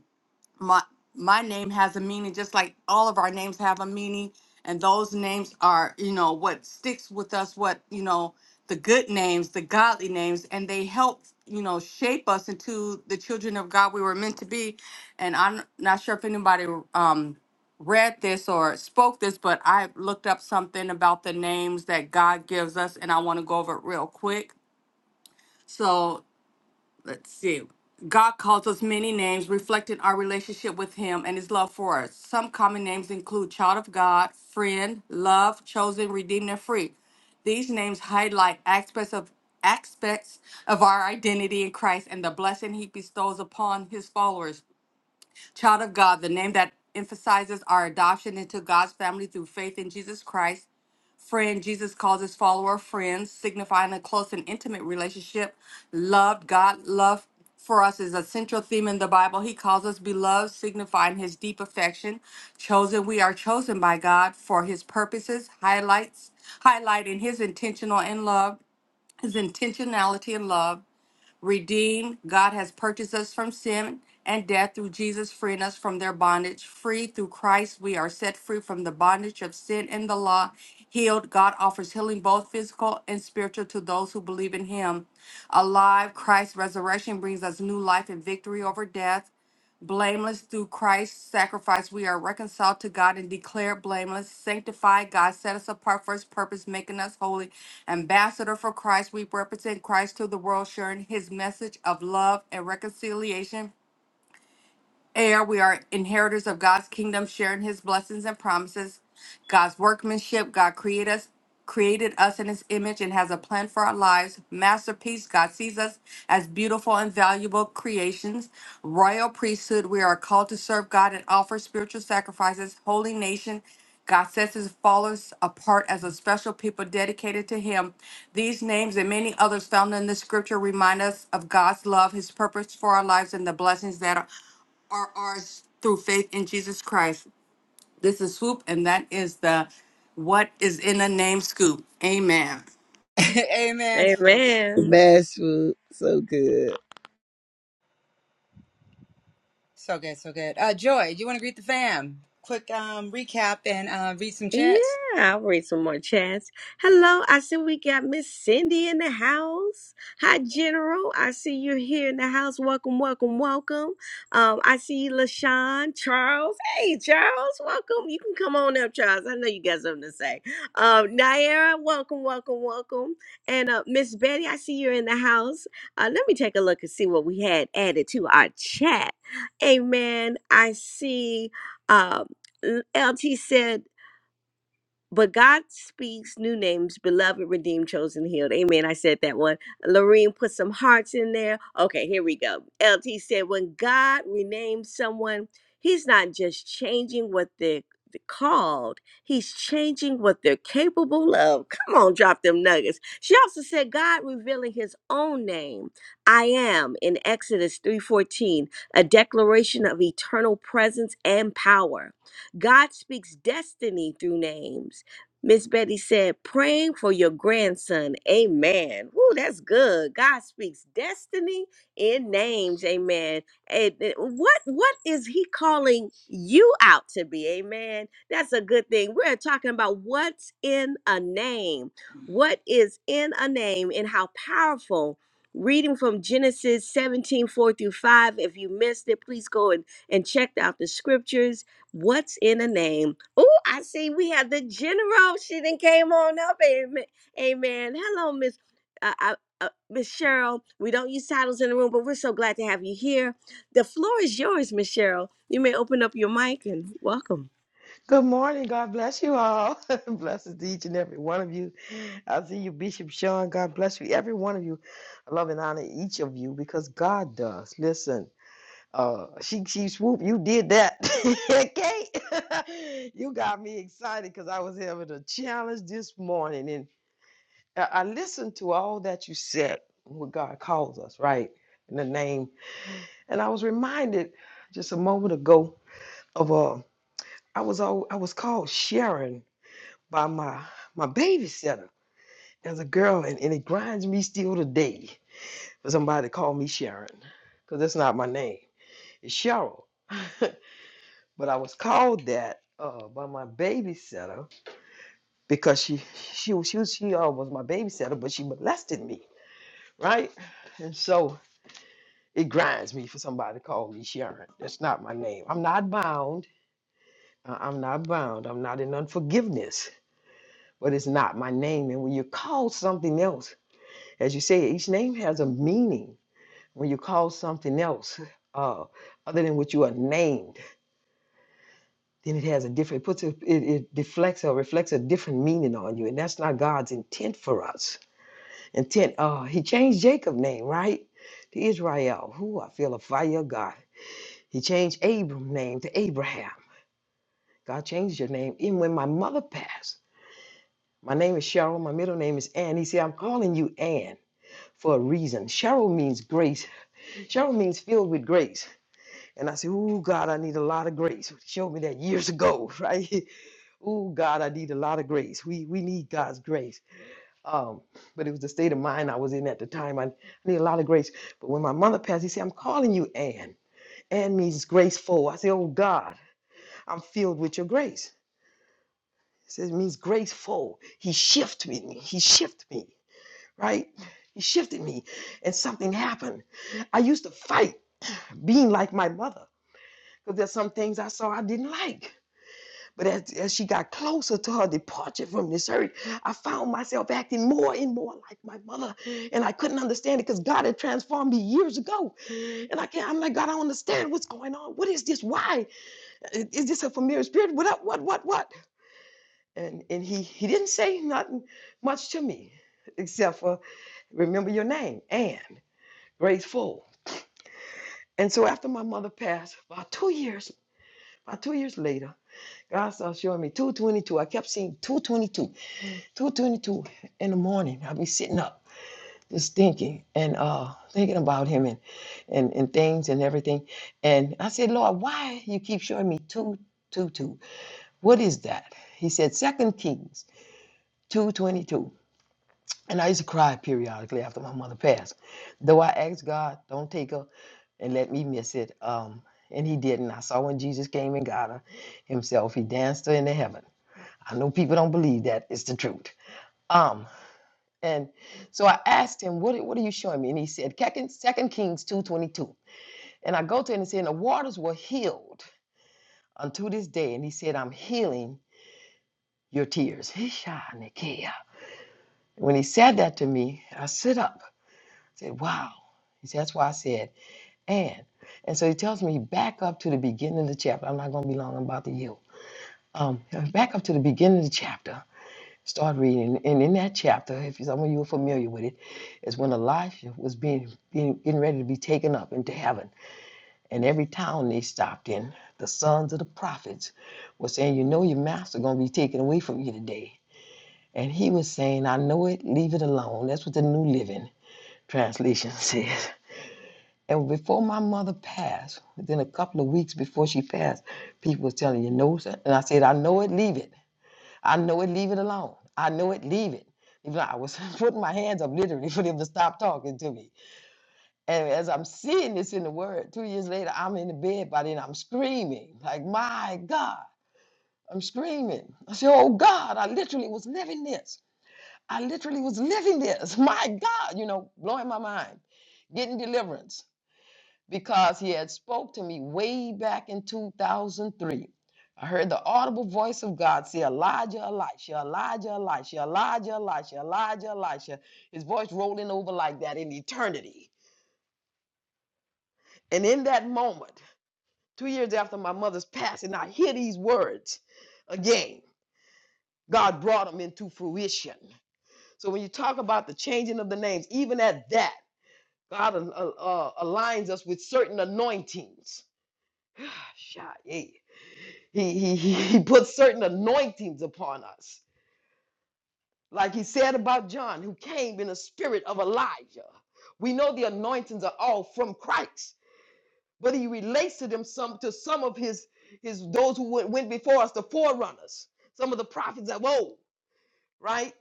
my my name has a meaning just like all of our names have a meaning and those names are you know what sticks with us what you know the good names the godly names and they help you know shape us into the children of god we were meant to be and i'm not sure if anybody um read this or spoke this but i looked up something about the names that god gives us and i want to go over it real quick so let's see. God calls us many names, reflecting our relationship with Him and His love for us. Some common names include child of God, friend, love, chosen, redeemed, and free. These names highlight aspects of aspects of our identity in Christ and the blessing He bestows upon His followers. Child of God, the name that emphasizes our adoption into God's family through faith in Jesus Christ friend jesus calls his follower friends signifying a close and intimate relationship loved god love for us is a central theme in the bible he calls us beloved signifying his deep affection chosen we are chosen by god for his purposes highlights highlighting his intentional and love his intentionality and love Redeemed, God has purchased us from sin and death through Jesus, freeing us from their bondage. Free through Christ, we are set free from the bondage of sin and the law. Healed, God offers healing both physical and spiritual to those who believe in Him. Alive, Christ's resurrection brings us new life and victory over death blameless through Christ's sacrifice. We are reconciled to God and declared blameless, sanctified. God set us apart for his purpose, making us holy. Ambassador for Christ, we represent Christ to the world, sharing his message of love and reconciliation heir, we are inheritors of God's kingdom, sharing his blessings and promises. God's workmanship, God created us, created us in his image and has a plan for our lives. Masterpiece, God sees us as beautiful and valuable creations. Royal priesthood, we are called to serve God and offer spiritual sacrifices. Holy nation, God sets his followers apart as a special people dedicated to him. These names and many others found in the scripture remind us of God's love, his purpose for our lives, and the blessings that are are ours through faith in Jesus Christ. This is Swoop, and that is the What is in a Name Scoop. Amen.
Amen, swoop.
Amen.
Amen, Swoop. So good.
So good, so good. Uh, Joy, do you want to greet the fam? Quick um, recap and uh, read some
Yeah,
chats.
I'll read some more chats. Hello, I see we got Miss Cindy in the house. Hi, General. I see you're here in the house. Welcome, welcome, welcome. Um, I see LaShawn, Charles. Hey, Charles, welcome. You can come on up, Charles. I know you got something to say. Um, Naira, welcome, welcome, welcome. And uh, Miss Betty, I see you're in the house. Uh, let me take a look and see what we had added to our chat. Amen. I see. Um, L- LT said but God speaks new names, beloved, redeemed, chosen, healed. Amen. I said that one. Lorene put some hearts in there. Okay, here we go. LT said, when God renames someone, he's not just changing what they're called, he's changing what they're capable of. Come on, drop them nuggets. She also said, God revealing his own name. I am in Exodus 3:14, a declaration of eternal presence and power. God speaks destiny through names. Miss Betty said, praying for your grandson. Amen. Woo, that's good. God speaks destiny in names. Amen. And and what what is he calling you out to be? Amen. That's a good thing. We're talking about what's in a name. What is in a name and how powerful. Reading from Genesis 17 4 through 5. If you missed it, please go and, and check out the scriptures What's in a name? Oh, I see we have the general. She then came on up. Amen. Amen. Hello, Miss uh, uh, uh, Miss Cheryl. We don't use titles in the room, but we're so glad to have you here. The floor is yours, Miss Cheryl. You may open up your mic and welcome.
Good morning. God bless you all. Blessings to each and every one of you. I see you, Bishop Sean. God bless you, every one of you. I love and honor each of you because God does. Listen, uh, she she swoop, you did that. okay, you got me excited because I was having a challenge this morning, and I I listened to all that you said. What God calls us, right? In the name, and I was reminded just a moment ago of uh, I was all I was called Sharon by my my babysitter as a girl, and, and it grinds me still today for somebody to call me Sharon, because that's not my name. It's Cheryl, but I was called that uh, by my babysitter because she she she was- she uh, was my babysitter, but she molested me, right? And so it grinds me for somebody to call me Sharon. That's not my name. I'm not bound. I- I'm not bound. I'm not in unforgiveness, but it's not my name. And when you're called something else As you say, each name has a meaning. When you call something else uh, other than what you are named, then it has a different, it puts a, it, it deflects or reflects a different meaning on you. And that's not God's intent for us. Intent, uh, he changed Jacob's name, right? To Israel, who I feel a fire of God. He changed Abram's name to Abraham. God changed your name. Even when my mother passed, my name is Cheryl. My middle name is Ann. He said, I'm calling you Ann for a reason. Cheryl means grace. Cheryl means filled with grace. And I said, Ooh, God, I need a lot of grace. Showed me that years ago, right? Ooh, God, I need a lot of grace. We we need God's grace. Um, but it was the state of mind I was in at the time. I need a lot of grace. But when my mother passed, he said, I'm calling you Ann. Ann means graceful. I said, Oh God, I'm filled with your grace. It says it means graceful. He shifted me. He shifted me, right? He shifted me. And something happened. I used to fight being like my mother because there's some things I saw I didn't like. But as, as she got closer to her departure from this earth, I found myself acting more and more like my mother. And I couldn't understand it because God had transformed me years ago. And I can't, I'm like, God, I don't understand what's going on. What is this? Why? Is this a familiar spirit? What What, what, what? And and he he didn't say nothing much to me except for remember your name and Graceful. And so after my mother passed, about two years, about two years later, God started showing me 222. I kept seeing 222. 2.22 in the morning i'll be sitting up just thinking and uh thinking about him and and, and things and everything and i said lord why you keep showing me 222 what is that he said second kings 222 and i used to cry periodically after my mother passed though i asked god don't take her and let me miss it um and he didn't i saw when jesus came and got her himself he danced her into heaven i know people don't believe that it's the truth Um. And so I asked him, what, what are you showing me? And he said, Second Second Kings 2.22. And I go to him and say, and the waters were healed unto this day. And he said, I'm healing your tears. Hishanikia. When he said that to me, I sit up. I said, wow. He said, that's why I said, and. And so he tells me, back up to the beginning of the chapter. I'm not going to be long. I'm about to yield. Um, back up to the beginning of the chapter. Start reading, and in that chapter, if some of you are familiar with it, is when Elisha was being, being getting ready to be taken up into heaven, and every town they stopped in, the sons of the prophets were saying, "You know, your master gonna be taken away from you today," and he was saying, "I know it. Leave it alone." That's what the New Living Translation says. And before my mother passed, within a couple of weeks before she passed, people were telling you, no, sir. And I said, I know it, leave it. I know it, leave it alone. I know it, leave it. Even I was putting my hands up literally for them to stop talking to me. And as I'm seeing this in the word, two years later, I'm in the bed by then, I'm screaming, like, my God, I'm screaming. I said, oh God, I literally was living this. I literally was living this. My God, you know, blowing my mind, getting deliverance because he had spoke to me way back in 2003. I heard the audible voice of God say, Elijah, Elisha, Elijah, Elisha, Elijah, Elisha, Elijah, Elisha. His voice rolling over like that in eternity. And in that moment, two years after my mother's passing, I hear these words again. God brought them into fruition. So when you talk about the changing of the names, even at that, God uh, uh, uh, aligns us with certain anointings. Shy, yeah. He, he, he he puts certain anointings upon us. Like he said about John, who came in the spirit of Elijah. We know the anointings are all from Christ, but he relates to them some to some of his his those who went, went before us, the forerunners, some of the prophets of old, right?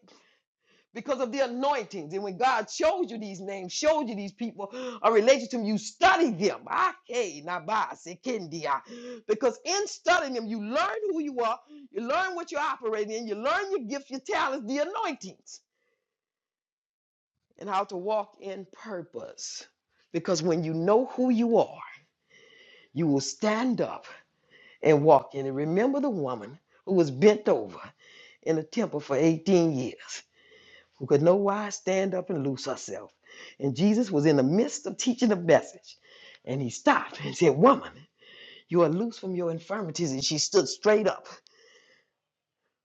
because of the anointings. And when God shows you these names, shows you these people are related to them, you study them. Ake, naba, sekendia. Because in studying them, you learn who you are, you learn what you're operating in, you learn your gifts, your talents, the anointings, and how to walk in purpose. Because when you know who you are, you will stand up and walk in. And remember the woman who was bent over in the temple for 18 years. who could no wise stand up and loose herself. And Jesus was in the midst of teaching the message. And he stopped and said, Woman, you are loose from your infirmities. And she stood straight up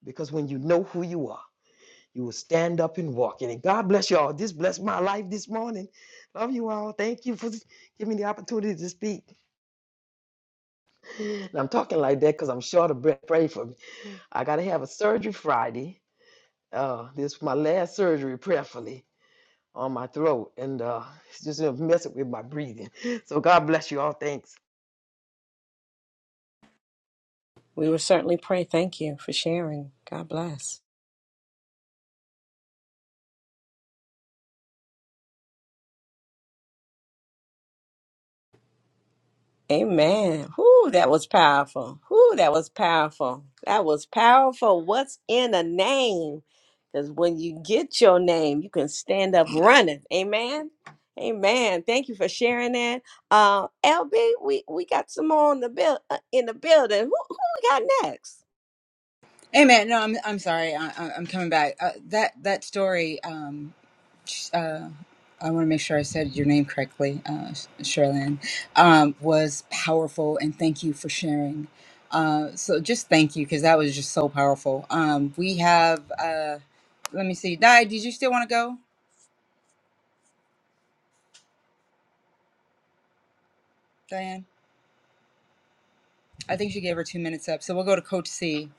because when you know who you are, you will stand up and walk. And God bless you all. This blessed my life this morning. Love you all. Thank you for giving me the opportunity to speak. And I'm talking like that because I'm short of breath. Pray for me. I got to have a surgery Friday. Uh, this is my last surgery, prayerfully. on my throat and uh it's just uh, messing with my breathing. So God bless you all. Thanks.
We will certainly pray. Thank you for sharing. God bless. Amen. Whoo, that was powerful. Whoo, that was powerful. That was powerful. What's in a name? Because when you get your name, you can stand up running. Amen. Amen. Thank you for sharing that. Uh, LB, we, we got some more in the build uh, in the building. Who, who we got next?
Amen. No, I'm I'm sorry. I, I- I'm coming back. Uh, that that story. Um, uh, I want to make sure I said your name correctly, uh, Sherilyn, um, was powerful, and thank you for sharing. Uh, so just thank you because that was just so powerful. Um, we have, uh, let me see, Di, did you still want to go, Diane? I think she gave her two minutes up, so we'll go to Coach C,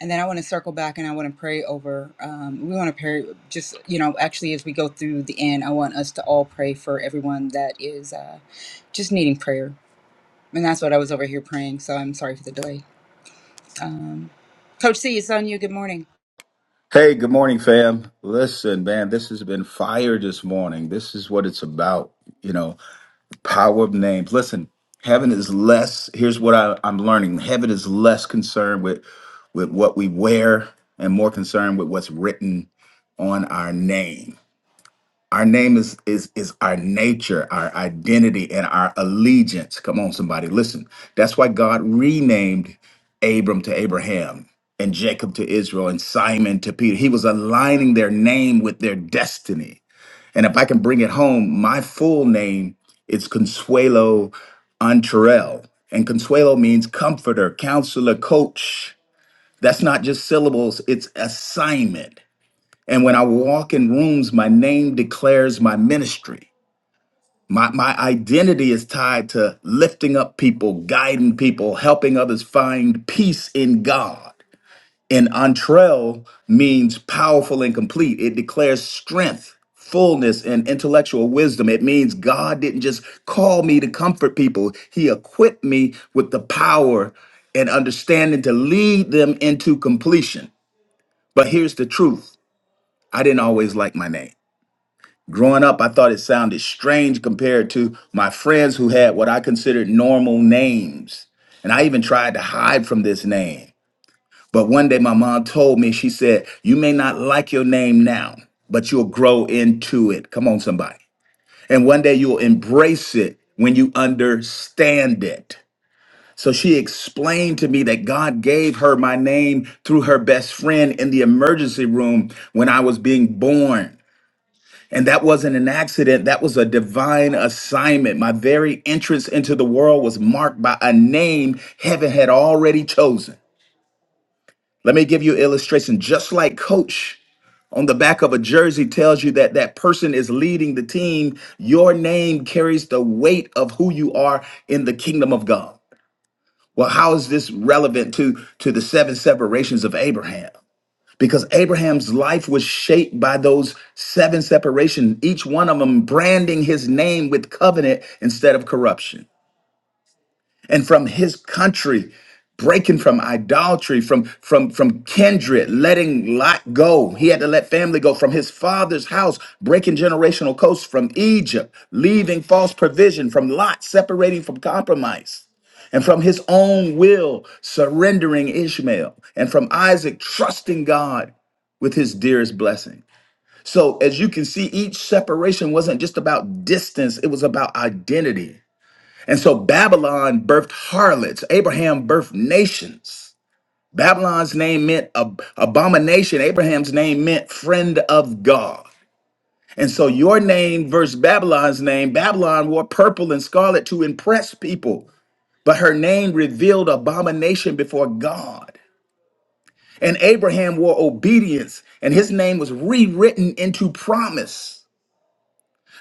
and then I want to circle back and I want to pray over. Um, we want to pray, just you know, actually as we go through the end, I want us to all pray for everyone that is uh, just needing prayer And that's what I was over here praying. So I'm sorry for the delay. Um, Coach C, it's on you. Good morning.
Hey, good morning, fam. Listen, man, this has been fire this morning. This is what it's about, you know, power of names. Listen, heaven is less, here's what I, I'm learning. Heaven is less concerned with with what we wear and more concerned with what's written on our name. Our name is is is our nature, our identity, and our allegiance. Come on, somebody, listen. That's why God renamed Abram to Abraham and Jacob to Israel and Simon to Peter. He was aligning their name with their destiny. And if I can bring it home, my full name is Consuelo Antrell. And Consuelo means comforter, counselor, coach. That's not just syllables, it's assignment. And when I walk in rooms, my name declares my ministry. My, my identity is tied to lifting up people, guiding people, helping others find peace in God. And entrell means powerful and complete. It declares strength, fullness, and intellectual wisdom. It means God didn't just call me to comfort people, He equipped me with the power and understanding to lead them into completion. But here's the truth I didn't always like my name. Growing up, I thought it sounded strange compared to my friends who had what I considered normal names. And I even tried to hide from this name. But one day my mom told me, she said, You may not like your name now, but you'll grow into it. Come on, somebody. And one day you'll embrace it when you understand it. So she explained to me that God gave her my name through her best friend in the emergency room when I was being born. And that wasn't an accident, that was a divine assignment. My very entrance into the world was marked by a name heaven had already chosen. Let me give you an illustration. Just like coach on the back of a jersey tells you that that person is leading the team, your name carries the weight of who you are in the kingdom of God. Well, how is this relevant to to the seven separations of Abraham? because Abraham's life was shaped by those seven separations, each one of them branding his name with covenant instead of corruption and from his country breaking from idolatry from from from kindred letting lot go he had to let family go from his father's house breaking generational codes from egypt leaving false provision from lot separating from compromise and from his own will surrendering ishmael and from isaac trusting god with his dearest blessing so as you can see each separation wasn't just about distance it was about identity and so Babylon birthed harlots. Abraham birthed nations. Babylon's name meant ab- abomination. Abraham's name meant friend of God. And so your name versus Babylon's name, Babylon wore purple and scarlet to impress people, but her name revealed abomination before God. And Abraham wore obedience, and his name was rewritten into promise.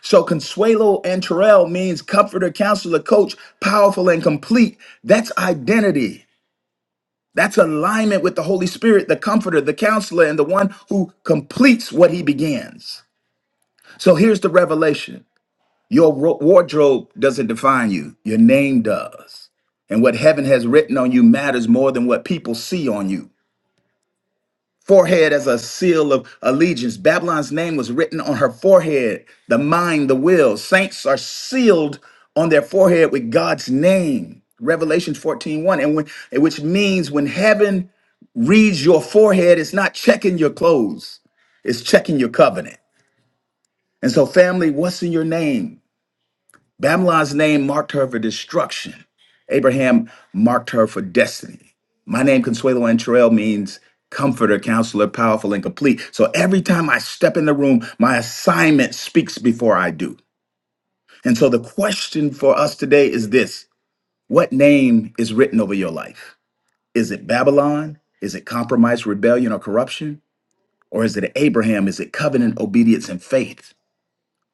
So Consuelo and Terrell means comforter, counselor, coach, powerful and complete. That's identity. That's alignment with the Holy Spirit, the comforter, the counselor, and the one who completes what he begins. So here's the revelation your ro- wardrobe doesn't define you, your name does. And what heaven has written on you matters more than what people see on you. Forehead as a seal of allegiance. Babylon's name was written on her forehead, the mind, the will. Saints are sealed on their forehead with God's name. Revelations fourteen one, and when, which means when heaven reads your forehead, it's not checking your clothes, it's checking your covenant. And so, family, what's in your name? Babylon's name marked her for destruction. Abraham marked her for destiny. My name, Consuelo Antrell, means comforter, counselor, powerful, and complete. So every time I step in the room, my assignment speaks before I do. And so the question for us today is this What name is written over your life? Is it Babylon? Is it compromise, rebellion, or corruption? Or is it Abraham? Is it covenant obedience and faith?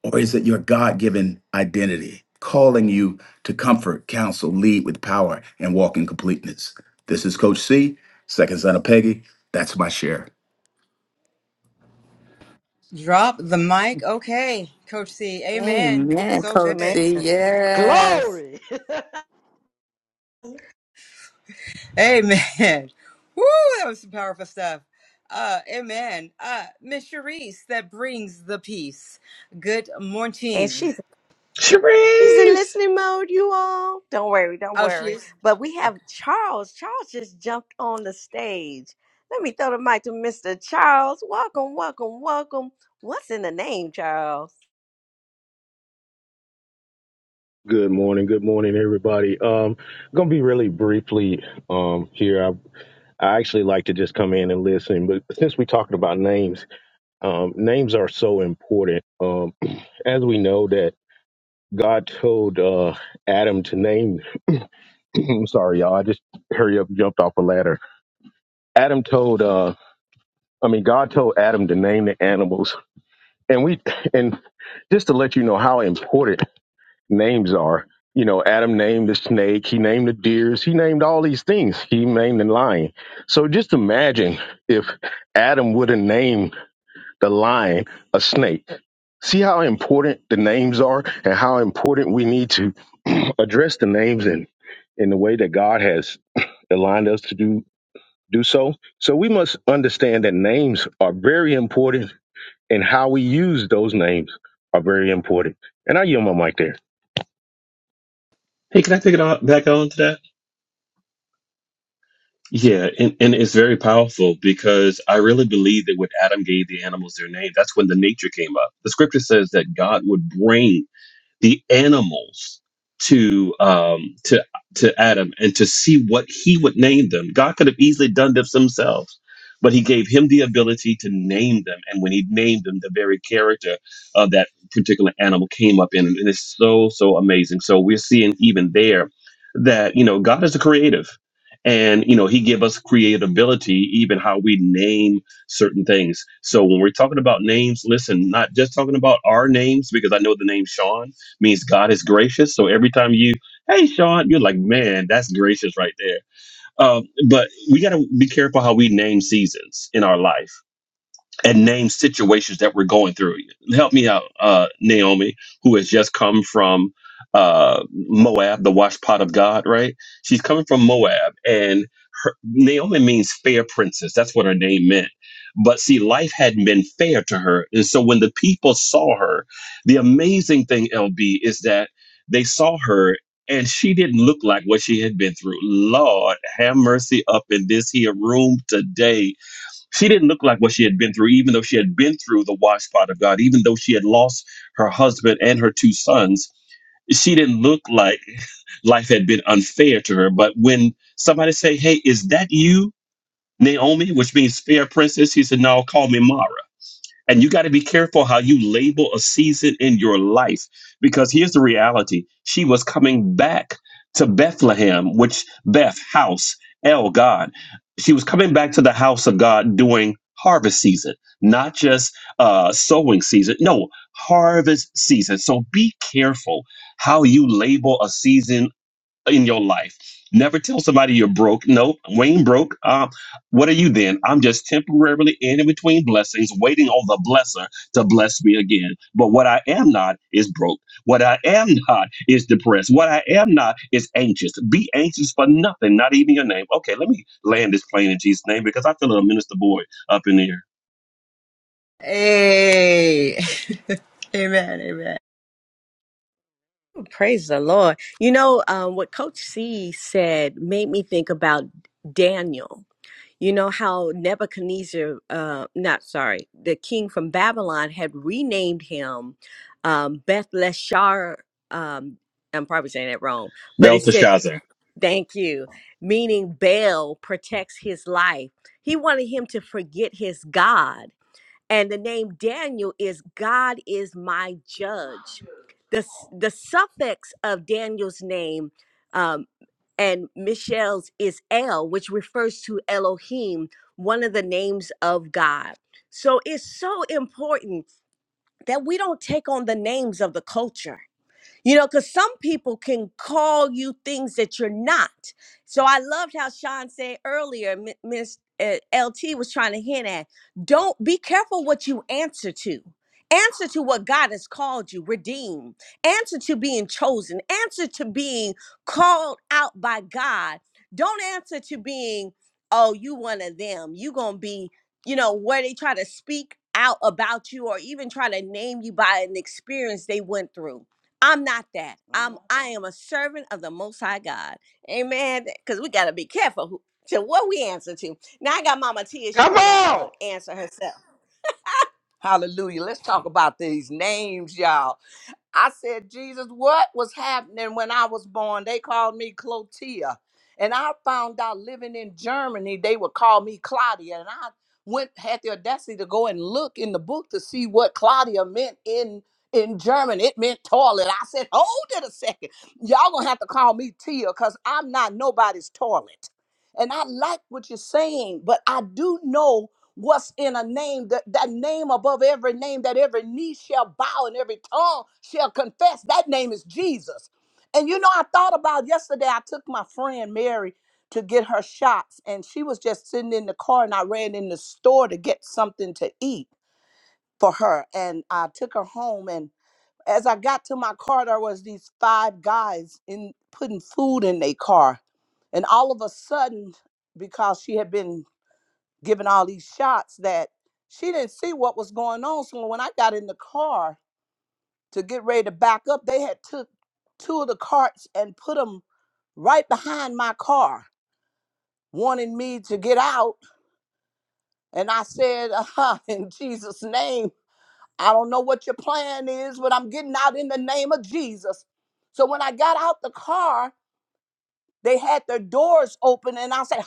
Or is it your God given identity calling you to comfort, counsel, lead with power, and walk in completeness? This is Coach C, second son of Peggy. That's my share.
Drop the mic. Okay, Coach C. Amen.
Woo,
Amen,
So
Coach
Amen.
good.
C. Yes.
Glory.
Amen. Woo, that was some powerful stuff. Uh, amen. Uh, Miss Charisse, that brings the peace. Good
And
morning.
she's He's in
Cherise!
listening mode, you all. Don't worry, don't
Oh, she
worry.
is?
But we
Okay.
have Charles. Charles just jumped on the stage. Let me throw the mic to Mr. Charles. Welcome, welcome, welcome. What's in the name, Charles?
Good morning. Good morning, everybody. Um, gonna be really briefly um here. I I actually like to just come in and listen, but since we're talking about names, um, names are so important. Um, as we know that God told uh Adam to name. I'm sorry, y'all. I just hurry up, jumped off a ladder. Adam told. uh I mean, God told Adam to name the animals, and we and just to let you know how important names are. You know, Adam named the snake, he named the deers, he named all these things, he named the lion. So just imagine if Adam would have named the lion a snake. See how important the names are and how important we need to address the names in, in the way that God has aligned us to do, do so. So we must understand that names are very important and how we use those names are very important. And I yield my mic there.
Hey, can I pick it on, back on to that? Yeah, and, and it's very powerful because I really believe that when Adam gave the animals their name, that's when the nature came up. The scripture says that God would bring the animals to um to to Adam and to see what he would name them. God could have easily done this himself, but he gave him the ability to name them. And when he named them, the very character of that particular animal came up in it. And it's so, so amazing. So we're seeing even there that, you know, God is a creative. And you know, he give us creativity, even how we name certain things. So when we're talking about names, listen, not just talking about our names, because I know the name Sean means God is gracious. So every time you, hey, Sean, you're like, man, that's gracious right there. Um, but we got to be careful how we name seasons in our life and name situations that we're going through. Help me out, uh, Naomi, who has just come from uh, Moab, the wash pot of God, right? She's coming from Moab, and her, Naomi means fair princess. That's what her name meant. But see, life hadn't been fair to her. And so when the people saw her, the amazing thing, LB, is that they saw her and she didn't look like what she had been through. Lord, have mercy up in this here room today she didn't look like what she had been through, even though she had been through the wash pot of God, even though she had lost her husband and her two sons. She didn't look like life had been unfair to her. But when somebody say, Hey, is that you, Naomi, which means fair princess? He said, No, call me Ma. And you got to be careful how you label a season in your life because here's the reality. She was coming back to Bethlehem, which Beth, house, El, God. She was coming back to the house of God during harvest season, not just uh, sowing season. No, harvest season. So be careful how you label a season in your life. Never tell somebody you're broke. No, Wayne broke. Um, what are you then? I'm just temporarily in between blessings, waiting on the blesser to bless me again. But what I am not is broke. What I am not is depressed. What I am not is anxious. Be anxious for nothing, not even your name. Okay, let me land this plane in Jesus' name because I feel a minister boy up in here.
Hey. amen. Amen.
Praise the Lord. You know, um, what Coach C said made me think about Daniel. You know how Nebuchadnezzar, uh, not sorry, the king from Babylon had renamed him um, Bethleshazar. Um, I'm probably saying that wrong, but it said
Belteshazzar.
Thank you. Meaning Baal protects his life. He wanted him to forget his God. And the name Daniel is God is my judge. The, s- the suffix of Daniel's name um, and Michelle's is El, which refers to Elohim, one of the names of God. So it's so important that we don't take on the names of the culture you know, because some people can call you things that you're not. So I loved how Sean said earlier, M- Miss uh, LT was trying to hint at don't be careful what you answer to. Answer to what God has called you, redeemed. Answer to being chosen. Answer to being called out by God. Don't answer to being, oh, you one of them. You gonna be, you know, where they try to speak out about you or even try to name you by an experience they went through. I'm not that. I'm I'm a servant of the most high God. Amen. Because we gotta be careful who to what we answer to. Now I got Mama Tia, she
Come
wanna uh
on.
answer herself. Hallelujah. Let's talk about these names, y'all. I said, Jesus, what was happening when I was born? They called me Clotia. And I found out living in Germany, they would call me Claudia. And I went, had the audacity to go and look in the book to see what Claudia meant in in German. It meant toilet. I said, hold it a second. Y'all gonna have to call me Tia because I'm not nobody's toilet. And I like what you're saying, but I do know what's in a name that, that name above every name that every knee shall bow and every tongue shall confess that name is jesus and you know i thought about yesterday i took my friend mary to get her shots and she was just sitting in the car and i ran in the store to get something to eat for her and i took her home and as i got to my car there was these five guys in putting food in their car and all of a sudden because she had been giving all these shots that she didn't see what was going on. So when I got in the car to get ready to back up, they had took two of the carts and put them right behind my car, wanting me to get out. And I said, uh, in Jesus' name, I don't know what your plan is, but I'm getting out in the name of Jesus. So when I got out the car, They had their doors open, and I said,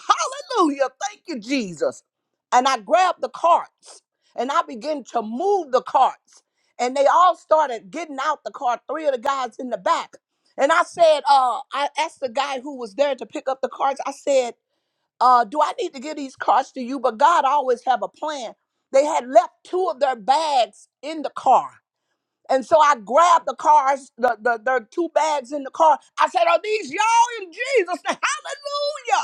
Hallelujah, thank you, Jesus. And I grabbed the carts and I began to move the carts. And they all started getting out the car, three of the guys in the back. And I said, uh, I asked the guy who was there to pick up the carts, I said, uh, do I need to give these carts to you? But God always have a plan. They had left two of their bags in the car and so I grabbed the cars, the, the, the two bags in the car. I said, Are these y'all in Jesus? name?" Hallelujah.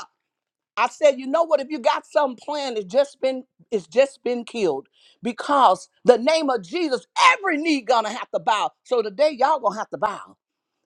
I said, you know what? If you got some plan, it's just been it's just been killed because the name of Jesus, every knee gonna have to bow. So today, y'all gonna have to bow.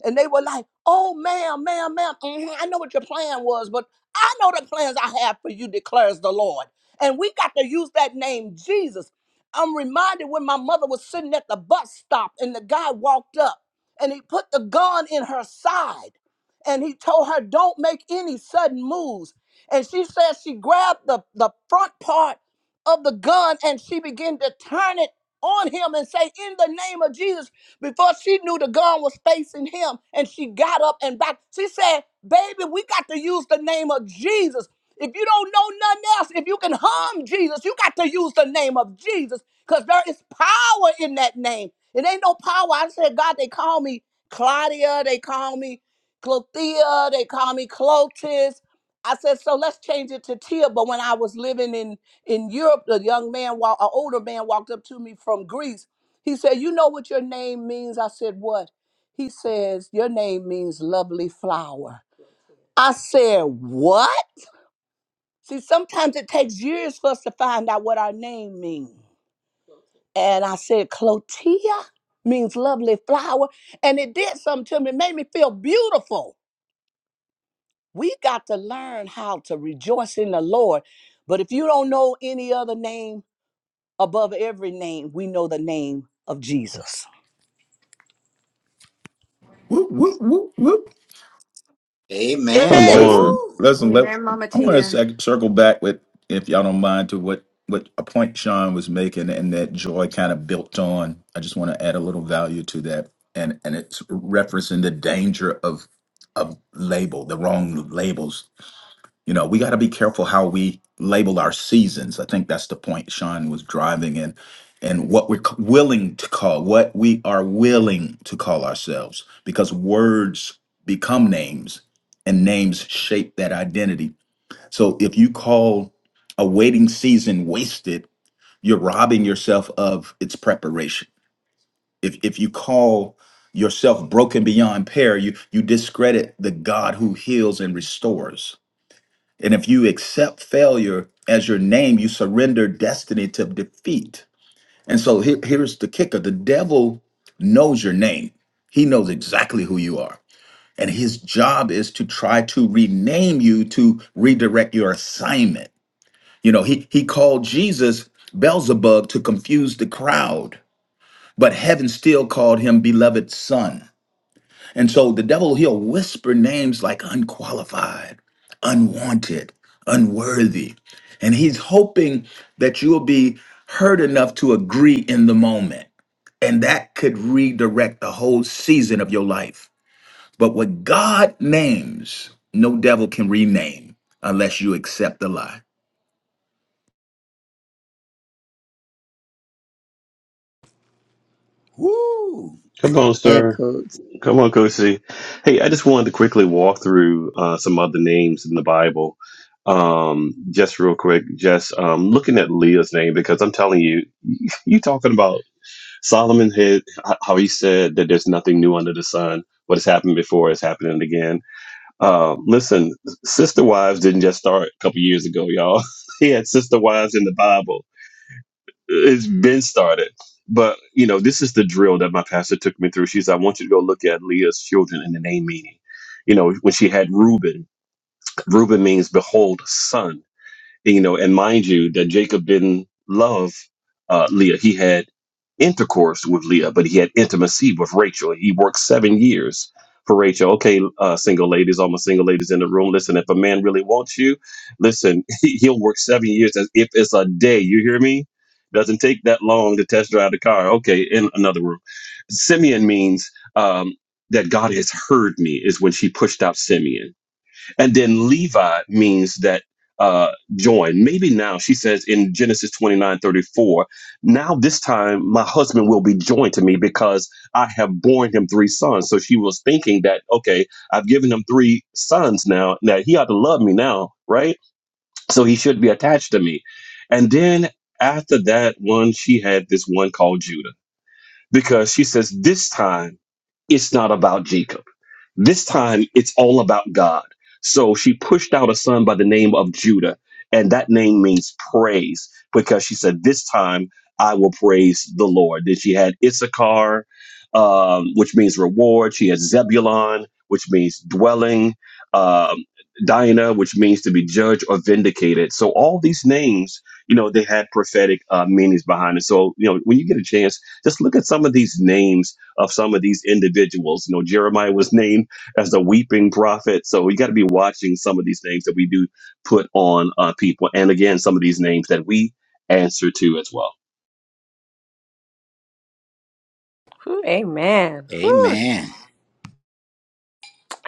And they were like, "Oh, ma'am, ma'am, madam madam madam hmm I know what your plan was, but I know the plans I have for you," declares the Lord. And we got to use that name, Jesus. I'm reminded when my mother was sitting at the bus stop, and the guy walked up and he put the gun in her side, and he told her, "Don't make any sudden moves." And she says she grabbed the, the front part of the gun and she began to turn it on him and say, In the name of Jesus, before she knew the gun was facing him. And she got up and back. She said, Baby, we got to use the name of Jesus. If you don't know nothing else, if you can harm Jesus, you got to use the name of Jesus because there is power in that name. It ain't no power. I said, God, they call me Claudia. They call me Clothea. They call me Clotis. I said, so let's change it to Tia. But when I was living in in Europe, a young man, while an older man walked up to me from Greece. He said, "You know what your name means?" I said, "What?" He says, "Your name means lovely flower." I said, "What?" See, sometimes it takes years for us to find out what our name means. And I said, "Clotia means lovely flower," and it did something to me. It made me feel beautiful. We got to learn how to rejoice in the Lord. But if you don't know any other name above every name, we know the name of Jesus.
Whoop, whoop, whoop, whoop.
Come
Amen.
Hey.
on.
Listen,
Woo.
listen. Let
Amen, Mama
I want to
Tia.
sec- circle back with, if y'all don't mind, to what what a point Sean was making, and that Joy kind of built on. I just want to add a little value to that, and and it's referencing the danger of of label, the wrong labels you know, we got to be careful how we label our seasons. I think that's the point Sean was driving in, and what we're c- willing to call, what we are willing to call ourselves, because words become names and names shape that identity. So if you call a waiting season wasted, you're robbing yourself of its preparation. If, if you call yourself broken beyond pair, you, you discredit the God who heals and restores and if you accept failure as your name, you surrender destiny to defeat. And so here- here's the kicker the devil knows your name, he knows exactly who you are. And his job is to try to rename you to redirect your assignment. You know, he, he called Jesus Beelzebub to confuse the crowd, but heaven still called him beloved son. And so the devil, he'll whisper names like unqualified, unwanted, unworthy. And he's hoping that you'll be heard enough to agree in the moment. And that could redirect the whole season of your life. But what God names, no devil can rename unless you accept the lie.
Woo.
Come on,
Amen,
sir.
Coach.
Come on, Coach C. Hey, I just wanted to quickly walk through uh, some other names in the Bible, um, just real quick. Just um, looking at Leah's name because I'm telling you, you talking about Solomon had how he said that there's nothing new under the sun. What has happened before is happening again. Uh, listen, sister wives didn't just start a couple years ago, y'all. he had sister wives in the Bible it's been started. But you know, this is the drill that my pastor took me through. She said, "I want you to go look at Leah's children and the name meaning." You know, when she had Reuben, Reuben means "behold, son." You know, and mind you, that Jacob didn't love uh, Leah. He had intercourse with Leah, but he had intimacy with Rachel. He worked seven years for Rachel. Okay, uh, single ladies, all my single ladies in the room, listen, if a man really wants you, listen, he- he'll work seven years as if it's a day. You hear me? Doesn't take that long to test drive the car. Okay, in another room. Simeon means um, that God has heard me, is when she pushed out Simeon. And then Levi means that uh, join. Maybe now, she says in Genesis 29 34. now this time my husband will be joined to me because I have borne him three sons. So she was thinking that, okay, I've given him three sons now, Now he ought to love me now, right? So he should be attached to me. And then after that one, she had this one called Judah because she says, this time it's not about Jacob this time it's all about God. So she pushed out a son by the name of Judah, and that name means praise because she said, This time I will praise the Lord. Then she had Issachar, um, which means reward. She had Zebulon, which means dwelling, um, Dinah, which means to be judged or vindicated. So all these names, you know, they had prophetic uh, meanings behind it. So, you know, when you get a chance, just look at some of these names of some of these individuals. You know, Jeremiah was named as the weeping prophet. So we got to be watching some of these things that we do put on uh, people. And again, some of these names that we answer to as well.
Whew, Amen. Whew.
Amen.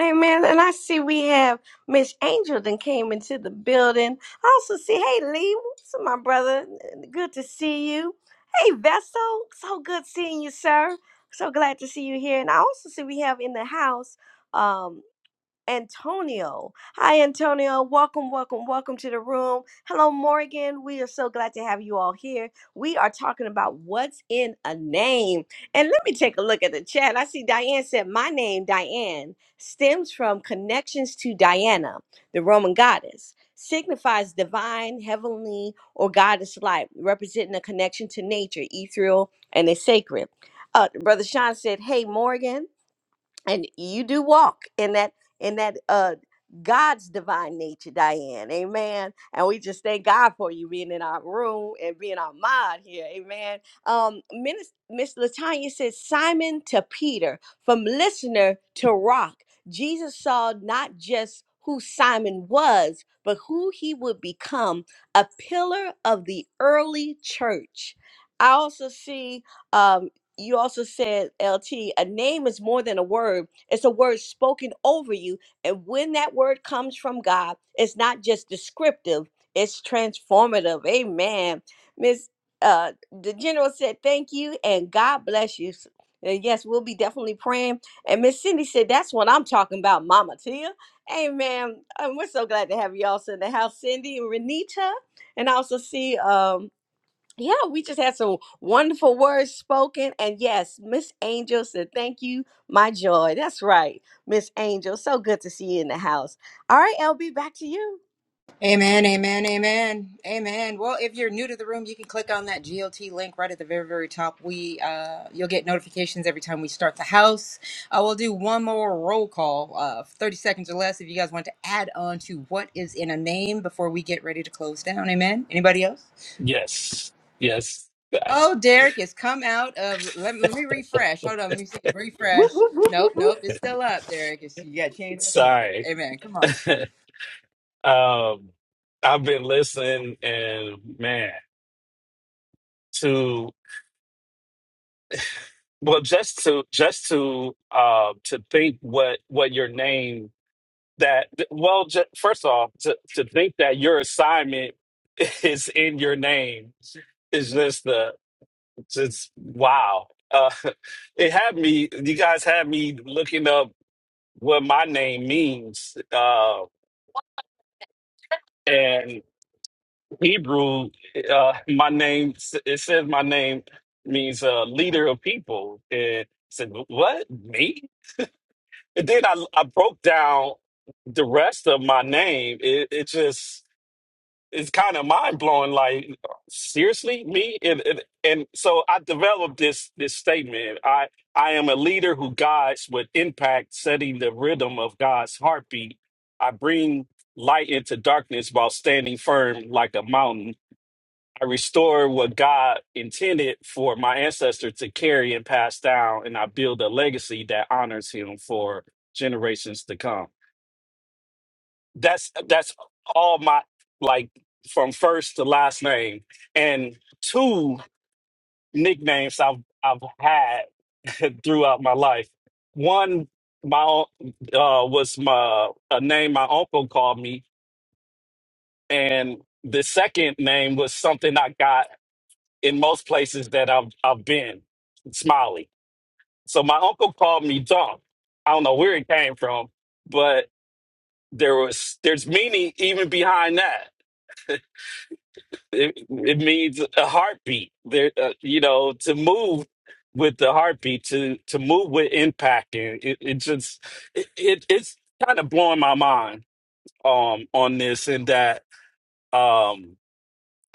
Amen. And I see we have Miss Angel then came into the building. I also see, hey Lee, what's up, my brother? Good to see you. Hey Vessel, so good seeing you, sir. So glad to see you here. And I also see we have in the house. um. Antonio. Hi, Antonio. Welcome, welcome, welcome to the room. Hello, Morgan. We are so glad to have you all here. We are talking about what's in a name. And let me take a look at the chat. I see Diane said, My name, Diane, stems from connections to Diana, the Roman goddess, signifies divine, heavenly, or goddess light, representing a connection to nature, ethereal, and the sacred. Uh, Brother Sean said, Hey, Morgan and you do walk in that in that uh God's divine nature, Diane. Amen. And we just thank God for you being in our room and being our mod here. Amen. Um, Miss Miss Latanya says Simon to Peter, from listener to rock. Jesus saw not just who Simon was, but who he would become, a pillar of the early church. I also see um, you also said lt a name is more than a word it's a word spoken over you and when that word comes from god it's not just descriptive it's transformative amen miss uh the general said thank you and god bless you and yes we'll be definitely praying and miss cindy said that's what i'm talking about mama tia amen and we're so glad to have you also in the house cindy and renita and i also see um yeah, we just had some wonderful words spoken. And yes, Miss Angel said, Thank you, my joy. That's right, Miss Angel. So good to see you in the house. All right, LB, back to you.
Amen, amen, amen, amen. Well, if you're new to the room, you can click on that GLT link right at the very, very top. We, uh, you'll get notifications every time we start the house. I will do one more roll call, uh, 30 seconds or less, if you guys want to add on to what is in a name before we get ready to close down. Amen. Anybody else?
Yes. Yes.
Oh, Derek has come out of. Let me, let me refresh. Hold on. Let me see.
Whoop,
Refresh.
whoop, whoop,
Nope,
whoop,
nope. It's still up, Derek. It's, you got to change that picture.
Sorry.
Amen. Come on.
Um, I've been listening and man, to well just to just to uh to think what what your name that well ju- first off to, to think that your assignment is in your name is just the just wow. Uh it had me you guys had me looking up what my name means. Uh, and. Hebrew, uh, my name it says my name means uh, leader of people. And I said, "What me?" And then I I broke down the rest of my name. It it just it's kind of mind blowing. Like seriously, me and, and and so I developed this this statement. I I am a leader who guides with impact, setting the rhythm of God's heartbeat. I bring light into darkness while standing firm like a mountain. I restore what God intended for my ancestor to carry and pass down, and I build a legacy that honors him for generations to come. That's that's all my like from first to last name and two nicknames I've I've had throughout my life. One my own- uh was my a name my uncle called me and the second name was something I got in most places that I've I've been, Smiley. So my uncle called me Dunk. I don't know where it came from, but there was there's meaning even behind that. It, it means a heartbeat. There, uh, you know, to move with the heartbeat, to to move with impact, and it, it just it, it it's kind of blowing my mind um on this and that um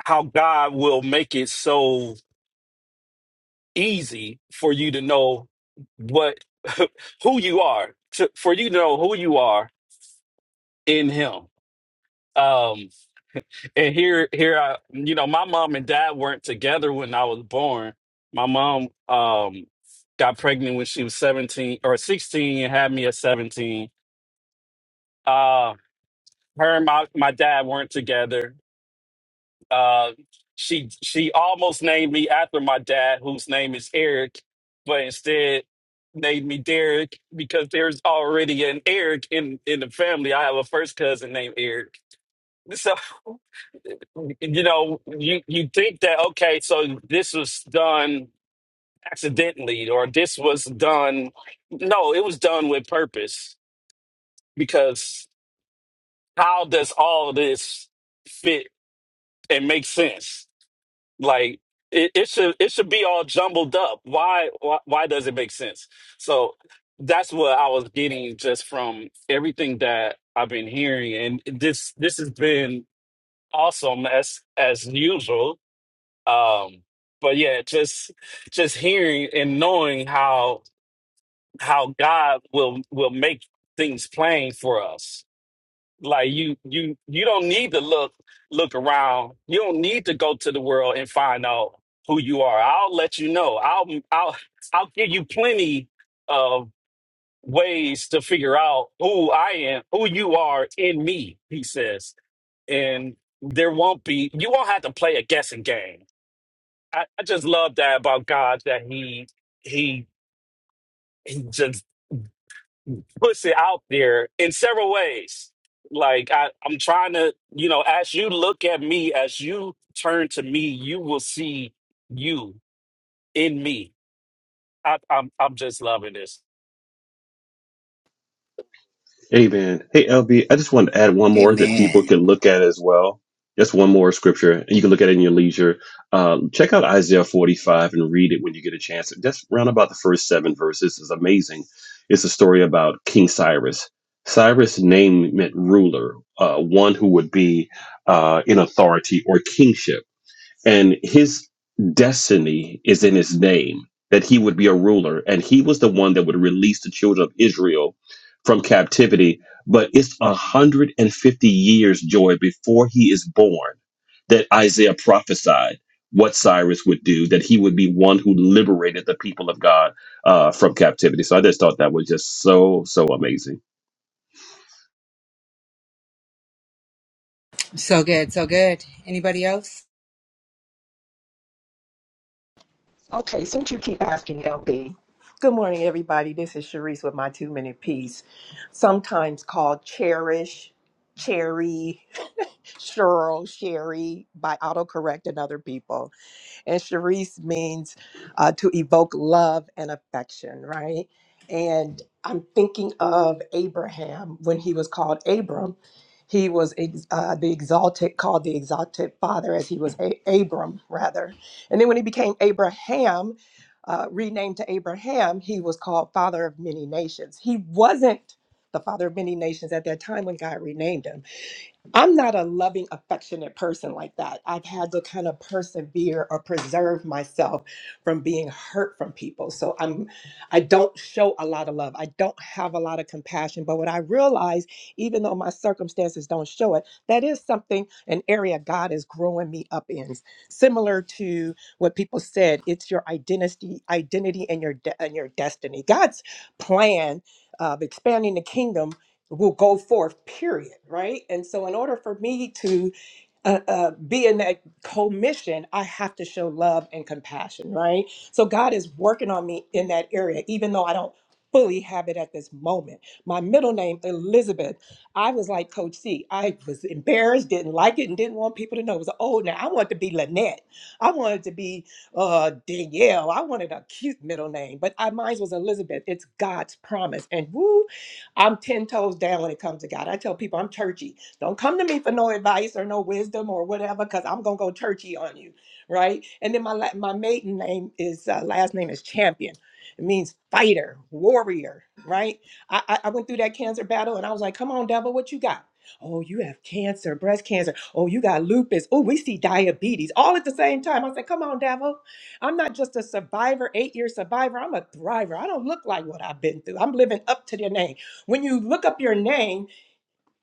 how God will make it so easy for you to know what who you are to, for you to know who you are in him um and here here i you know my mom and dad weren't together when i was born my mom um got pregnant when she was 17 or 16 and had me at 17 uh her and my, my dad weren't together Uh, she she almost named me after my dad, whose name is Eric, but instead named me Derek because there's already an Eric in in the family. I have a first cousin named Eric. So you know, you you think that okay, so this was done accidentally or this was done no, it was done with purpose because how does all of this fit and make sense? Like it, it should it should be all jumbled up. Why, why why does it make sense? So that's what I was getting just from everything that I've been hearing, and this this has been awesome as as usual. Um, but yeah, just just hearing and knowing how how God will will make things plain for us like you you you don't need to look look around. You don't need to go to the world and find out who you are. I'll let you know. I'll I'll I'll give you plenty of ways to figure out who I am, who you are in me, he says. And there won't be you won't have to play a guessing game. I, I just love that about God that he he, just. puts it out there in several ways. Like I, I'm trying to, you know, as you look at me, as you turn to me, you will see you in me. I, I'm I'm just loving this.
Amen. Hey, LB, I just wanted to add one more that people
Amen.
can look at as well. Just one more scripture, and you can look at it in your leisure. Um, check out Isaiah 45 and read it when you get a chance. Just round about the first seven verses is amazing. It's a story about King Cyrus. Cyrus' name meant ruler, uh, one who would be uh, in authority or kingship and his destiny is in his name that he would be a ruler and he was the one that would release the children of israel from captivity but it's 150 years joy before he is born that isaiah prophesied what cyrus would do that he would be one who liberated the people of god uh, from captivity so i just thought that was just so so amazing
So good, so good. Anybody else?
Okay, since you keep asking, LB. Good morning, everybody. This is Sharice with my two minute piece, sometimes called Cherish, Cherry, Cheryl, Sherry by autocorrect and other people and Charisse means uh, to evoke love and affection, right? And I'm thinking of Abraham when he was called Abram. He was ex- uh, the exalted, called the exalted father, as he was a- Abram, rather. And then when he became Abraham, uh, renamed to Abraham, he was called father of many nations. He wasn't the father of many nations at that time when God renamed him I'm not a loving, affectionate person like that. I've had to kind of persevere or preserve myself from being hurt from people. So I'm I don't show a lot of love. I don't have a lot of compassion. But what I realize, even though my circumstances don't show it, that is something, an area God is growing me up in. Similar to what people said, it's your identity, identity and your de- and your destiny. God's plan of expanding the kingdom will go forth, period, right? And so, in order for me to uh, uh, be in that commission, I have to show love and compassion, right? So, God is working on me in that area, even though I don't fully have it at this moment. My middle name, Elizabeth, I was like Coach C. I was embarrassed, didn't like it, and didn't want people to know it was old. Now, I wanted to be Lynette. I wanted to be uh, Danielle. I wanted a cute middle name, but I, mine was Elizabeth. It's God's promise. And woo, I'm 10 toes down when it comes to God. I tell people I'm churchy. Don't come to me for no advice or no wisdom or whatever, because I'm going to go churchy on you. Right. And then my, la- my maiden name is, uh, last name is Champion. It means fighter, warrior. Right. I, I I went through that cancer battle and I was like, come on, devil, what you got? Oh, you have cancer, breast cancer. Oh, you got lupus. Oh, we see diabetes all at the same time. I said, come on, devil. I'm not just a survivor, eight year survivor. I'm a thriver. I don't look like what I've been through. I'm living up to their name. When you look up your name,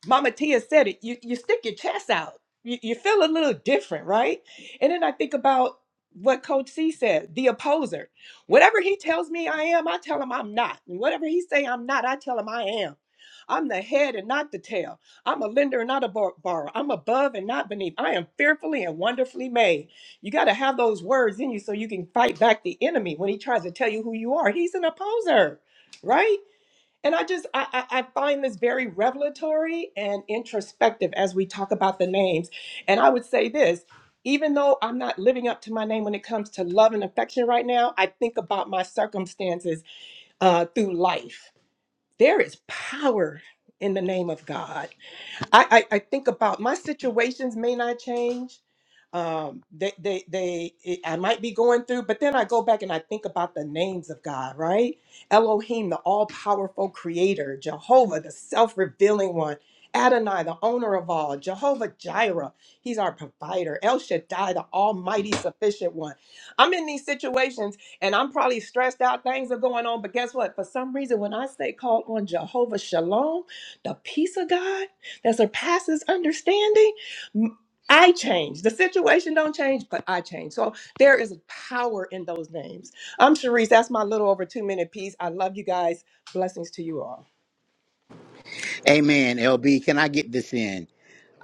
Mama Tia said it, you, you stick your chest out. You, you feel a little different, right? And then I think about what Coach C said, the opposer. Whatever he tells me I am, I tell him I'm not. And whatever he say I'm not, I tell him I am. I'm the head and not the tail. I'm a lender and not a bor- borrower. I'm above and not beneath. I am fearfully and wonderfully made. You got to have those words in you so you can fight back the enemy when he tries to tell you who you are. He's an opposer, right? And I just I, I I find this very revelatory and introspective as we talk about the names. And I would say this, even though I'm not living up to my name when it comes to love and affection right now, I think about my circumstances uh, through life. There is power in the name of God. I, I, I think about my situations may not change. Um, they, they, they, it- I might be going through, but then I go back and I think about the names of God, right? Elohim, the all powerful creator, Jehovah, the self revealing one, Adonai, the owner of all, Jehovah Jireh, he's our provider, El Shaddai, the almighty sufficient one. I'm in these situations and I'm probably stressed out, things are going on, but guess what? For some reason, when I say call on Jehovah Shalom, the peace of God, that surpasses understanding m- i change the situation don't change but i change so there is power in those names i'm Sharice. that's my little over two minute piece i love you guys blessings to you all
Amen. LB, can I get this in?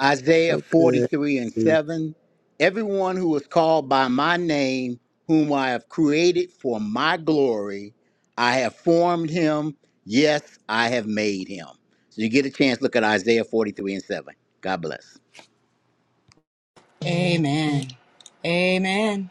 Isaiah
So good.
43 and 7. Everyone who is called by my name, whom I have created for my glory, I have formed him. Yes, I have made him. So you get a chance, look at Isaiah 43 and 7. God bless.
Amen. Amen.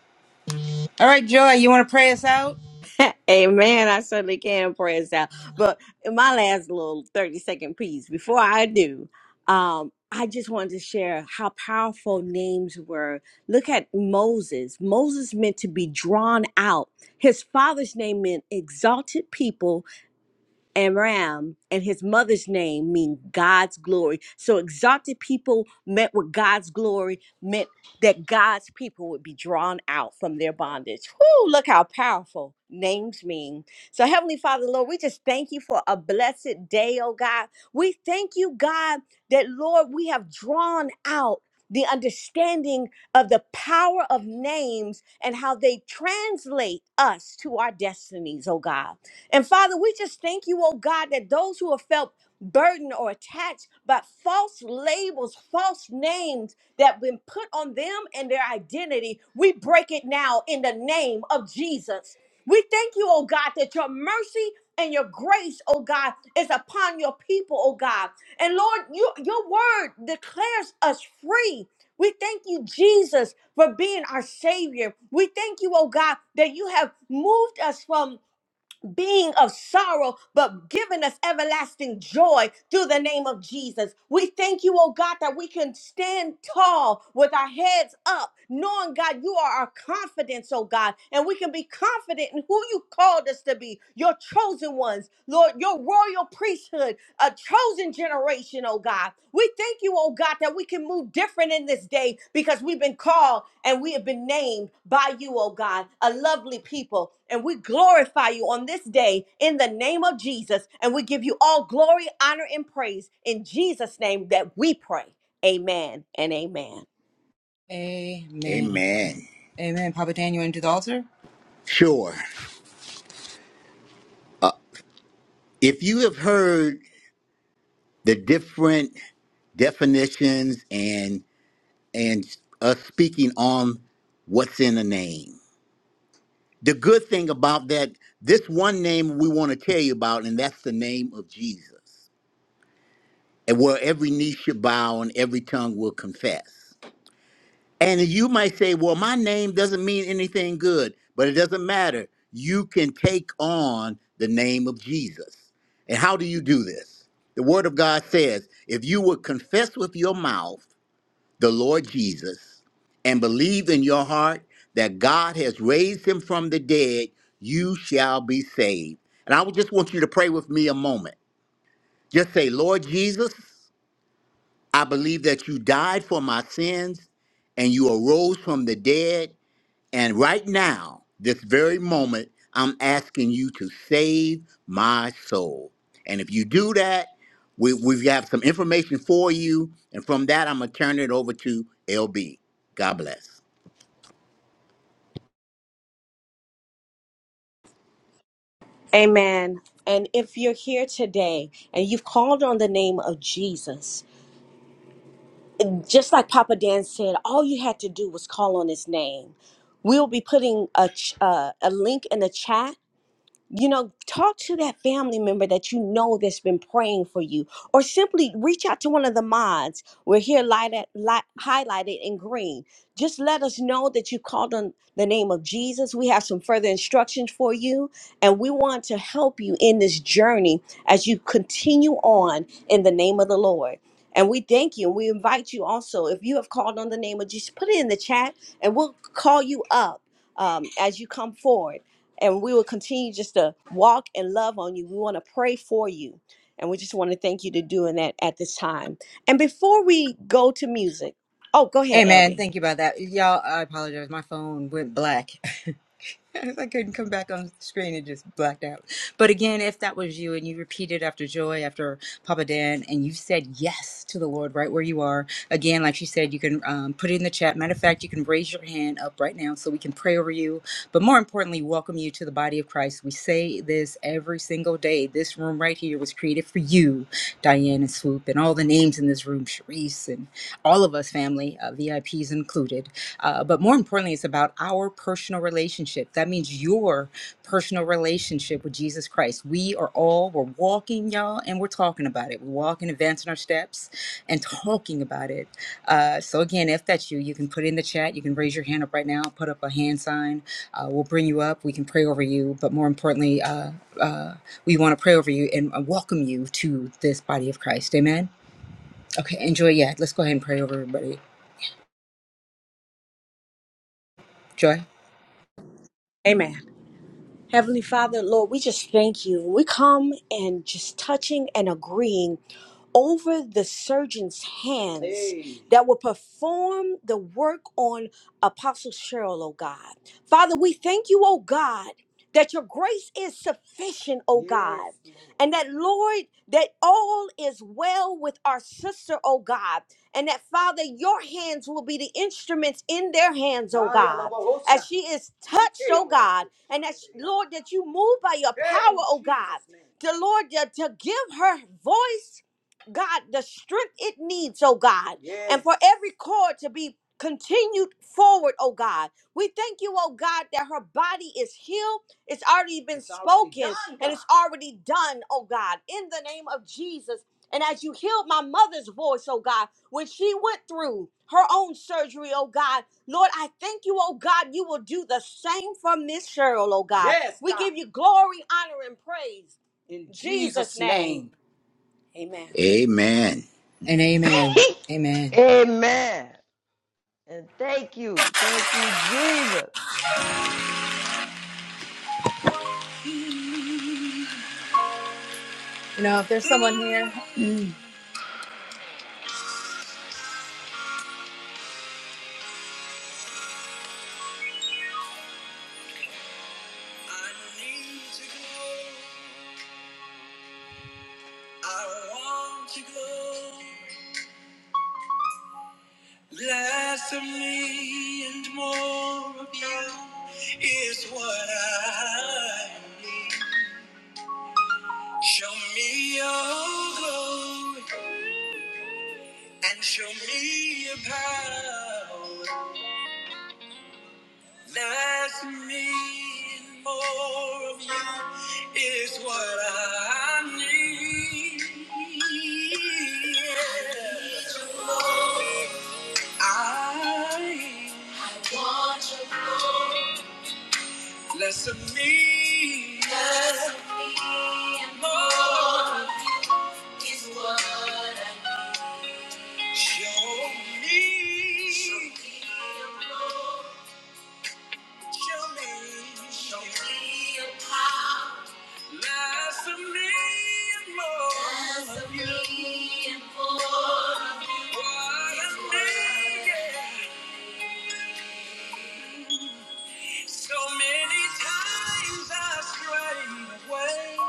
All right, Joy, you want to pray us out?
whoop. Amen. I certainly can praise out. But in my last little 30 second piece, before I do, um, I just wanted to share how powerful names were. Look at Moses. Moses meant to be drawn out. His father's name meant exalted people Aram and his mother's name mean God's glory. So exalted people met with God's glory meant that God's people would be drawn out from their bondage. Whoo, look how powerful names mean. So Heavenly Father, Lord, we just thank you for a blessed day, oh God. We thank you, God, that Lord, we have drawn out the understanding of the power of names and how they translate us to our destinies, oh God. And Father, we just thank you, oh God, that those who have felt burdened or attached by false labels, false names that been put on them and their identity, we break it now in the name of Jesus. We thank you, oh God, that your mercy and your grace, oh God, is upon your people, oh God. And Lord, you, your word declares us free. We thank you, Jesus, for being our Savior. We thank you, oh God, that you have moved us from being of sorrow, but giving us everlasting joy through the name of Jesus. We thank you, oh God, that we can stand tall with our heads up knowing, God, you are our confidence, oh God, and we can be confident in who you called us to be, your chosen ones, Lord, your royal priesthood, a chosen generation, oh God. We thank you, oh God, that we can move different in this day because we've been called and we have been named by you, oh God, a lovely people. And we glorify you on this day in the name of Jesus. And we give you all glory, honor, and praise in Jesus' name that we pray. Amen and amen.
Amen.
Amen.
Amen. Papa Dan, you want to do the altar?
Sure. If you have heard the different definitions and and us speaking on what's in a name, The good thing about that, this one name we want to tell you about, and that's the name of Jesus, and where every knee should bow and every tongue will confess. And you might say, well, my name doesn't mean anything good, but it doesn't matter. You can take on the name of Jesus. And how do you do this? The Word of God says, if you would confess with your mouth, the Lord Jesus and believe in your heart that God has raised him from the dead, you shall be saved. And I would just want you to pray with me a moment. Just say, Lord Jesus, I believe that you died for my sins and you arose from the dead. And right now, this very moment, I'm asking you to save my soul. And if you do that, we, we have some information for you. And from that, I'm going to turn it over to LB. God bless.
Amen. And if you're here today and you've called on the name of Jesus, just like Papa Dan said, all you had to do was call on his name. We'll be putting a, ch- uh, a link in the chat you know, talk to that family member that you know that's been praying for you, or simply reach out to one of the mods. We're here lighted, light, highlighted in green. Just let us know that you called on the name of Jesus. We have some further instructions for you, and we want to help you in this journey as you continue on in the name of the Lord. And we thank you. We invite you also, if you have called on the name of Jesus, put it in the chat and we'll call you up um, as you come forward and we will continue just to walk and love on you. We want to pray for you. And we just want to thank you to doing that at this time. And before we go to music, oh, go ahead,
Amen.
LB.
Thank you about that. Y'all, I apologize. My phone went black. I couldn't come back on screen. It just blacked out. But again, if that was you and you repeated after Joy, after Papa Dan, and you said yes to the Lord right where you are, again, like she said, you can um, put it in the chat. Matter of fact, you can raise your hand up right now so we can pray over you but more importantly, welcome you to the body of Christ. We say this every single day. This room right here was created for you, Diane and Swoop, and all the names in this room, Sharice, and all of us family, uh, VIPs included. Uh, but more importantly, it's about our personal relationship. That means your personal relationship with Jesus Christ. We we are all we're walking y'all and we're talking about it we're walking advancing our steps and talking about it uh, so again if that's you you can put it in the chat you can raise your hand up right now put up a hand sign uh, we'll bring you up we can pray over you but more importantly uh, uh, we want to pray over you and uh, welcome you to this body of christ amen okay enjoy yeah let's go ahead and pray over everybody joy
Amen. Heavenly Father, Lord, we just thank you. We come and just touching and agreeing over the surgeon's hands Hey. that will perform the work on Apostle Cheryl, oh God. Father, we thank you, oh God, that your grace is sufficient, oh Yes, God. Yes, Lord. And that, Lord, that all is well with our sister, oh God. And that, Father, your hands will be the instruments in their hands, oh God. As she is touched, Ike, oh God, and that, Lord, that you move by your power, oh God. The Lord, that to give her voice, God, the strength it needs, oh God. And for every chord to be continued forward, oh God. We thank you, oh God, that her body is healed. It's already been spoken and it's already done, oh God, in the name of Jesus. And as you healed my mother's voice, oh God, when she went through her own surgery, oh God. Lord, I thank you, oh God, you will do the same for Miss Cheryl, oh God. Yes, We God. give you glory, honor, and praise. In in Jesus' Jesus' name, name. amen.
Amen.
and amen amen
Amen. And thank you. Thank you, Jesus.
you know if there's someone here I want to go less of me and more of you is what I need. Show me your glory and show me your power. Less of me and more of you is what I need. Yeah. I Less of me, less and more. Show me, show me, show me a part. Less of me, and more. Less of me, what I need. yeah. So many times I strayed away,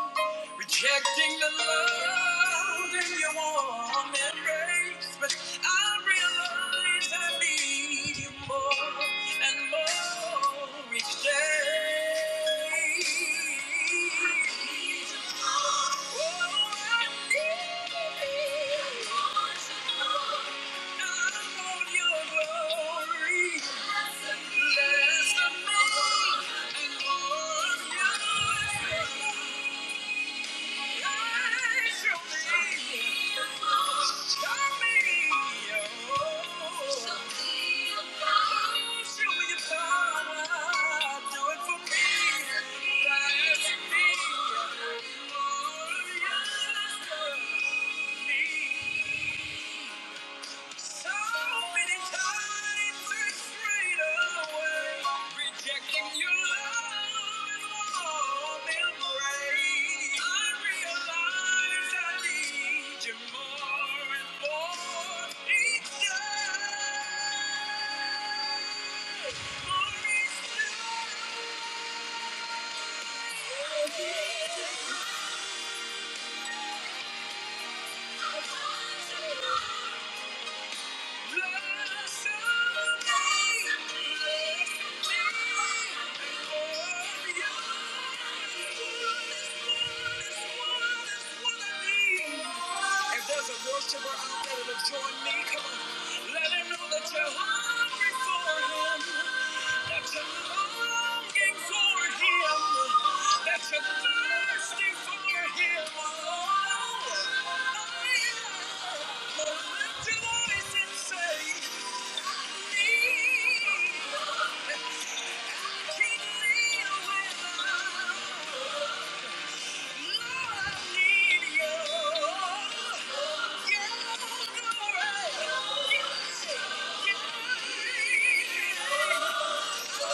rejecting the love in your warm embrace. But I realize I need you more and more each day. I I need you I want your glory me me, your power. Do it for me, Show show your power. Do it for Thank you. So many times I strayed away, rejecting your love and warm embrace. I realize I need you more and more each day, more each day. I need you more. I want you more. If there's a worshiper out there to join me, come on. Let him know that you're hungry for him. There's a longing for him. That's a thirsting for him. Oh, I will lift your voice and say, I need. I can't live without. Lord, I need you. Yeah, Lord, yeah, yeah. Yeah.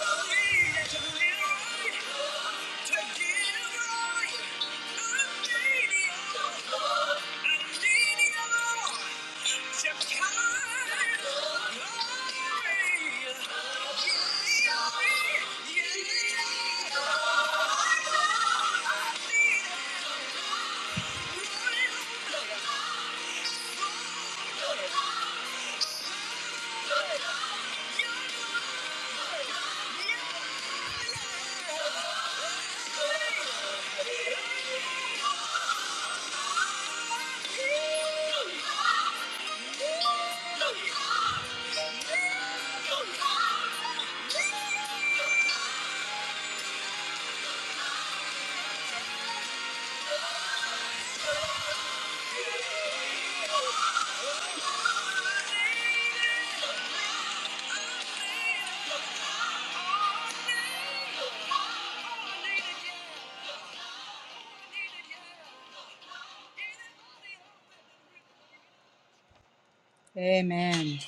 Amen.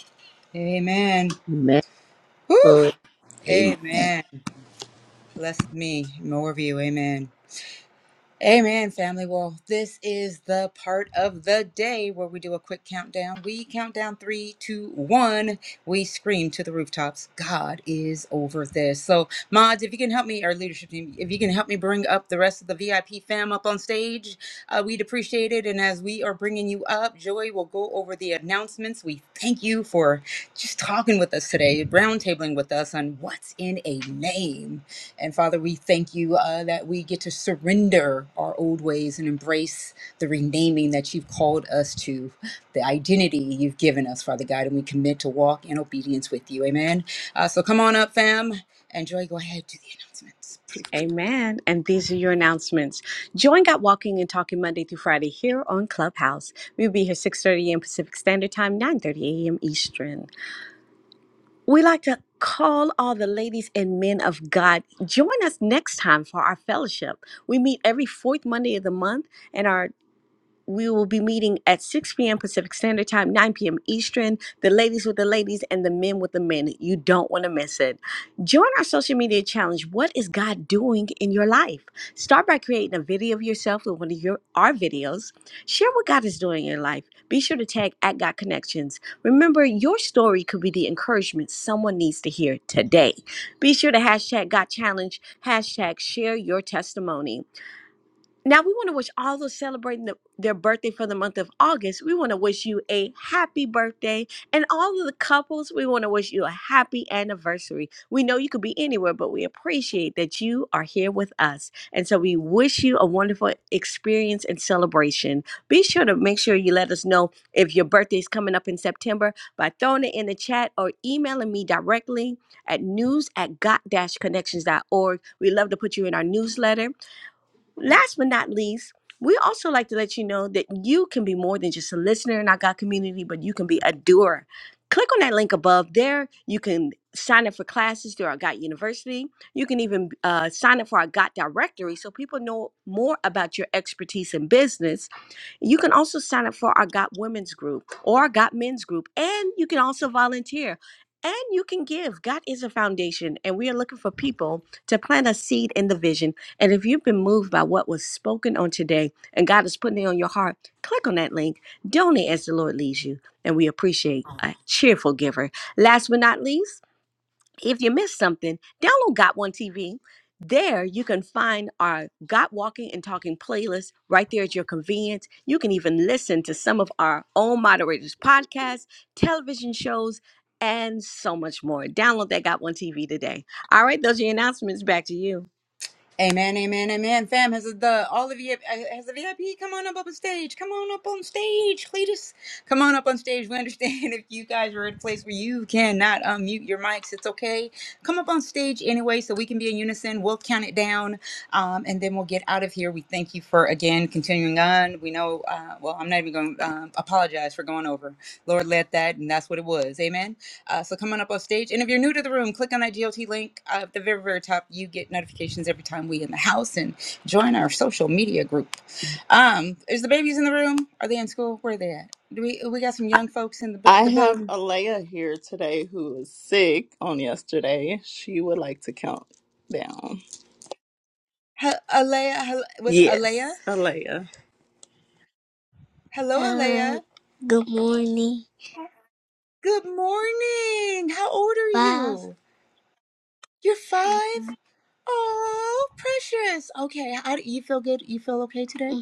Amen.
Amen,
Whew.
Poet.
Amen.
Amen. Bless me. More of you. Amen. Amen, family. Well, this is the part of the day where we do a quick countdown. We count down three, two, one. We scream to the rooftops, God is over this. So, mods, if you can help me, our leadership team, if you can help me bring up the rest of the VIP fam up on stage, uh, we'd appreciate it. And as we are bringing you up, Joy will go over the announcements. We thank you for just talking with us today, roundtabling with us on what's in a name. And Father, we thank you uh, that we get to surrender our old ways and embrace the renaming that you've called us to, the identity you've given us, Father God. And we commit to walk in obedience with you. Amen. Uh, so come on up, fam. And Joy, go ahead, do the announcements. Please.
Amen. And these are your announcements. Join Got Walking and Talking Monday through Friday here on Clubhouse. We'll be here 6.30 a.m. Pacific Standard Time, 9.30 a.m. Eastern. We like to call all the ladies and men of God. Join us next time for our fellowship. We meet every fourth Monday of the month, and our we will be meeting at 6 p.m. Pacific Standard Time, 9 p.m. Eastern. The ladies with the ladies and the men with the men. You don't want to miss it. Join our social media challenge. What is God doing in your life? Start by creating a video of yourself with one of your our videos. Share what God is doing in your life. Be sure to tag at God Connections. Remember, your story could be the encouragement someone needs to hear today. Be sure to hashtag God Challenge, hashtag share your testimony. Now we want to wish all those celebrating the, their birthday for the month of August. We want to wish you a happy birthday, and all of the couples. We want to wish you a happy anniversary. We know you could be anywhere, but we appreciate that you are here with us, and so we wish you a wonderful experience and celebration. Be sure to make sure you let us know if your birthday is coming up in September by throwing it in the chat or emailing me directly at news at got connections dot org. We love to put you in our newsletter Last but not least, we also like to let you know that you can be more than just a listener in our God community, but you can be a doer. Click on that link above there. You can sign up for classes through our God University. You can even uh, sign up for our God Directory so people know more about your expertise in business you can also sign up for our Got Women's group or our Got Men's group, and you can also volunteer. And you can give. God is a foundation, and we are looking for people to plant a seed in the vision. And if you've been moved by what was spoken on today and God is putting it on your heart, click on that link, donate as the Lord leads you. And we appreciate a cheerful giver. Last but not least, if you missed something, download Got One TV. There you can find our Got Walking and Talking playlist right there at your convenience. You can even listen to some of our own moderators' podcasts, television shows, and so much more. Download that Got One TV today. All right, those are your announcements. Back to you.
Amen, amen, amen. Fam, has the all of you uh, has the VIP come on up on stage? Come on up on stage, Cletus. Come on up on stage. We understand if you guys are at a place where you cannot unmute your mics, it's okay. Come up on stage anyway, so we can be in unison. We'll count it down, um, and then we'll get out of here. We thank you for again continuing on. We know, uh, well, I'm not even going to um apologize for going over. Lord, let that, and that's what it was. Amen. Uh, so come on up on stage. And if you're new to the room, click on that GLT link uh, at the very, very top. You get notifications every time we in the house and join our social media group. Um, is the babies in the room? Are they in school? Where are they at? Do we we got some young folks in the bu-
I
the
have
building?
Alea here today who was sick on yesterday. She would like to count down.
He- Alea, hel- with Alea.
Yes, Alea.
Hello,
Uh,
Alea. Good morning. How old are
Five.
you? You're five. Oh, precious. Okay. How do you feel? Good. You feel okay today?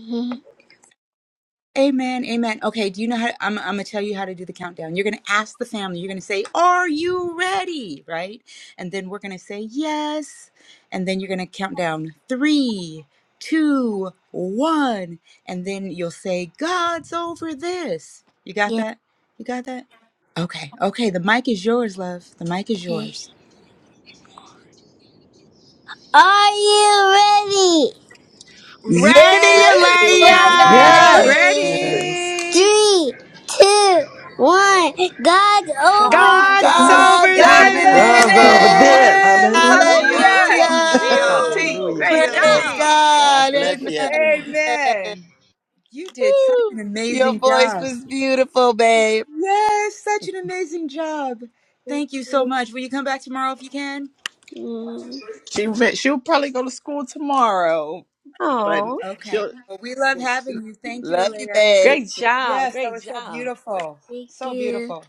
Amen, amen. Okay, do you know how I'm, I'm gonna tell you how to do the countdown? You're gonna ask the family, you're gonna say, Are you ready? Right? And then we're gonna say, Yes. And then you're gonna count down three, two, one. And then you'll say, God's over this. You got
Yeah.
that? You got that? Okay, okay. The mic is yours, love. The mic is
Okay.
yours.
Are you ready?
Radiolea,
Yes, we're
Hey.
Yes.
Ready!
ready.
Yes.
Ready?
Three, two, one. God's over
God's
God's
over
God's
over
God's
God's
over
Hallelujah.
over
this.
Because
there.
over
of
this.
this.
this.
this!
Hallelujah.
Woo,
Hallelujah.
woo,
Hallelujah!
woo,
G-O-T,
woo.
Hallelujah.
G-O-T,
Woo!
Woo.
Hallelujah.
Great
Praise
Yes.
job.
G-O-T.
God
God.
bless you,
Amen.
everyone.
Amen. You did such
Woo.
an
Your
amazing
voice
job.
was beautiful, babe.
Yes, such an amazing job.
this.
Thank you so much. Will you come back tomorrow if you can?
Mm. She re- she'll probably go to school tomorrow, but
Oh,
Okay.
she'll.
Well, we love having you. Thank you,
Love you,
Alea.
babe.
Great job.
Yes, that
Great
was so
job.
beautiful.
Thank
So
you.
beautiful.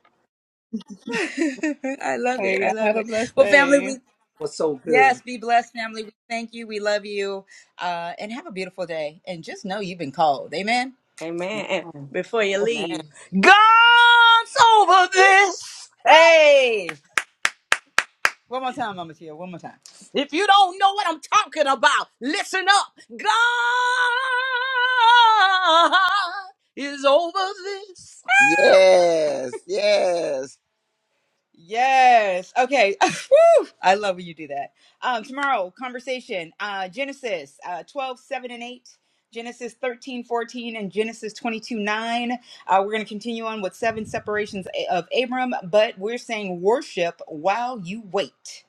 I love
Hey,
it. I
y'all
love
have a
it.
blessed
Well, family,
day.
we
was so
yes,
good.
be blessed, family. We thank you. We love you. Uh, and have a beautiful day. And just know you've been called. Amen.
Amen. And before you
Well,
Amen.
leave, God's over this. Hey,
Hey, one more time, Mama Tia. One more time.
if you don't know what I'm talking about, listen up. God is over this.
Yes, yes.
Yes. Okay. Woo! I love when you do that. Um, tomorrow, conversation, uh, Genesis uh, 12, seven, and 8, Genesis 13 14 and Genesis 22, 9. Uh, we're going to continue on with seven separations a- of Abram, but we're saying worship while you wait.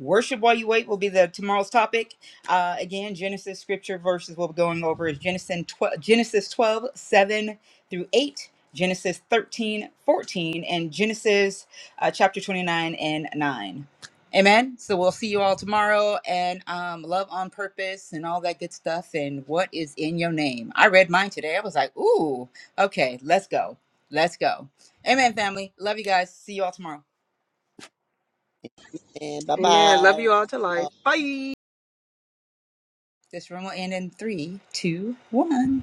Worship while you wait will be the tomorrow's topic. Uh, again, Genesis scripture verses we'll be going over is Genesis 12, Genesis 12 7 through 8, Genesis 13 14 and Genesis uh, chapter 29 and 9. Amen. So we'll see you all tomorrow and um, love on purpose and all that good stuff. And what is in your name? I read mine today. I was like, ooh, okay, let's go. Let's go. Amen, family. Love you guys. See you all tomorrow.
And bye
Amen. Love you all to
bye.
life. Bye.
This room will end in three, two, one.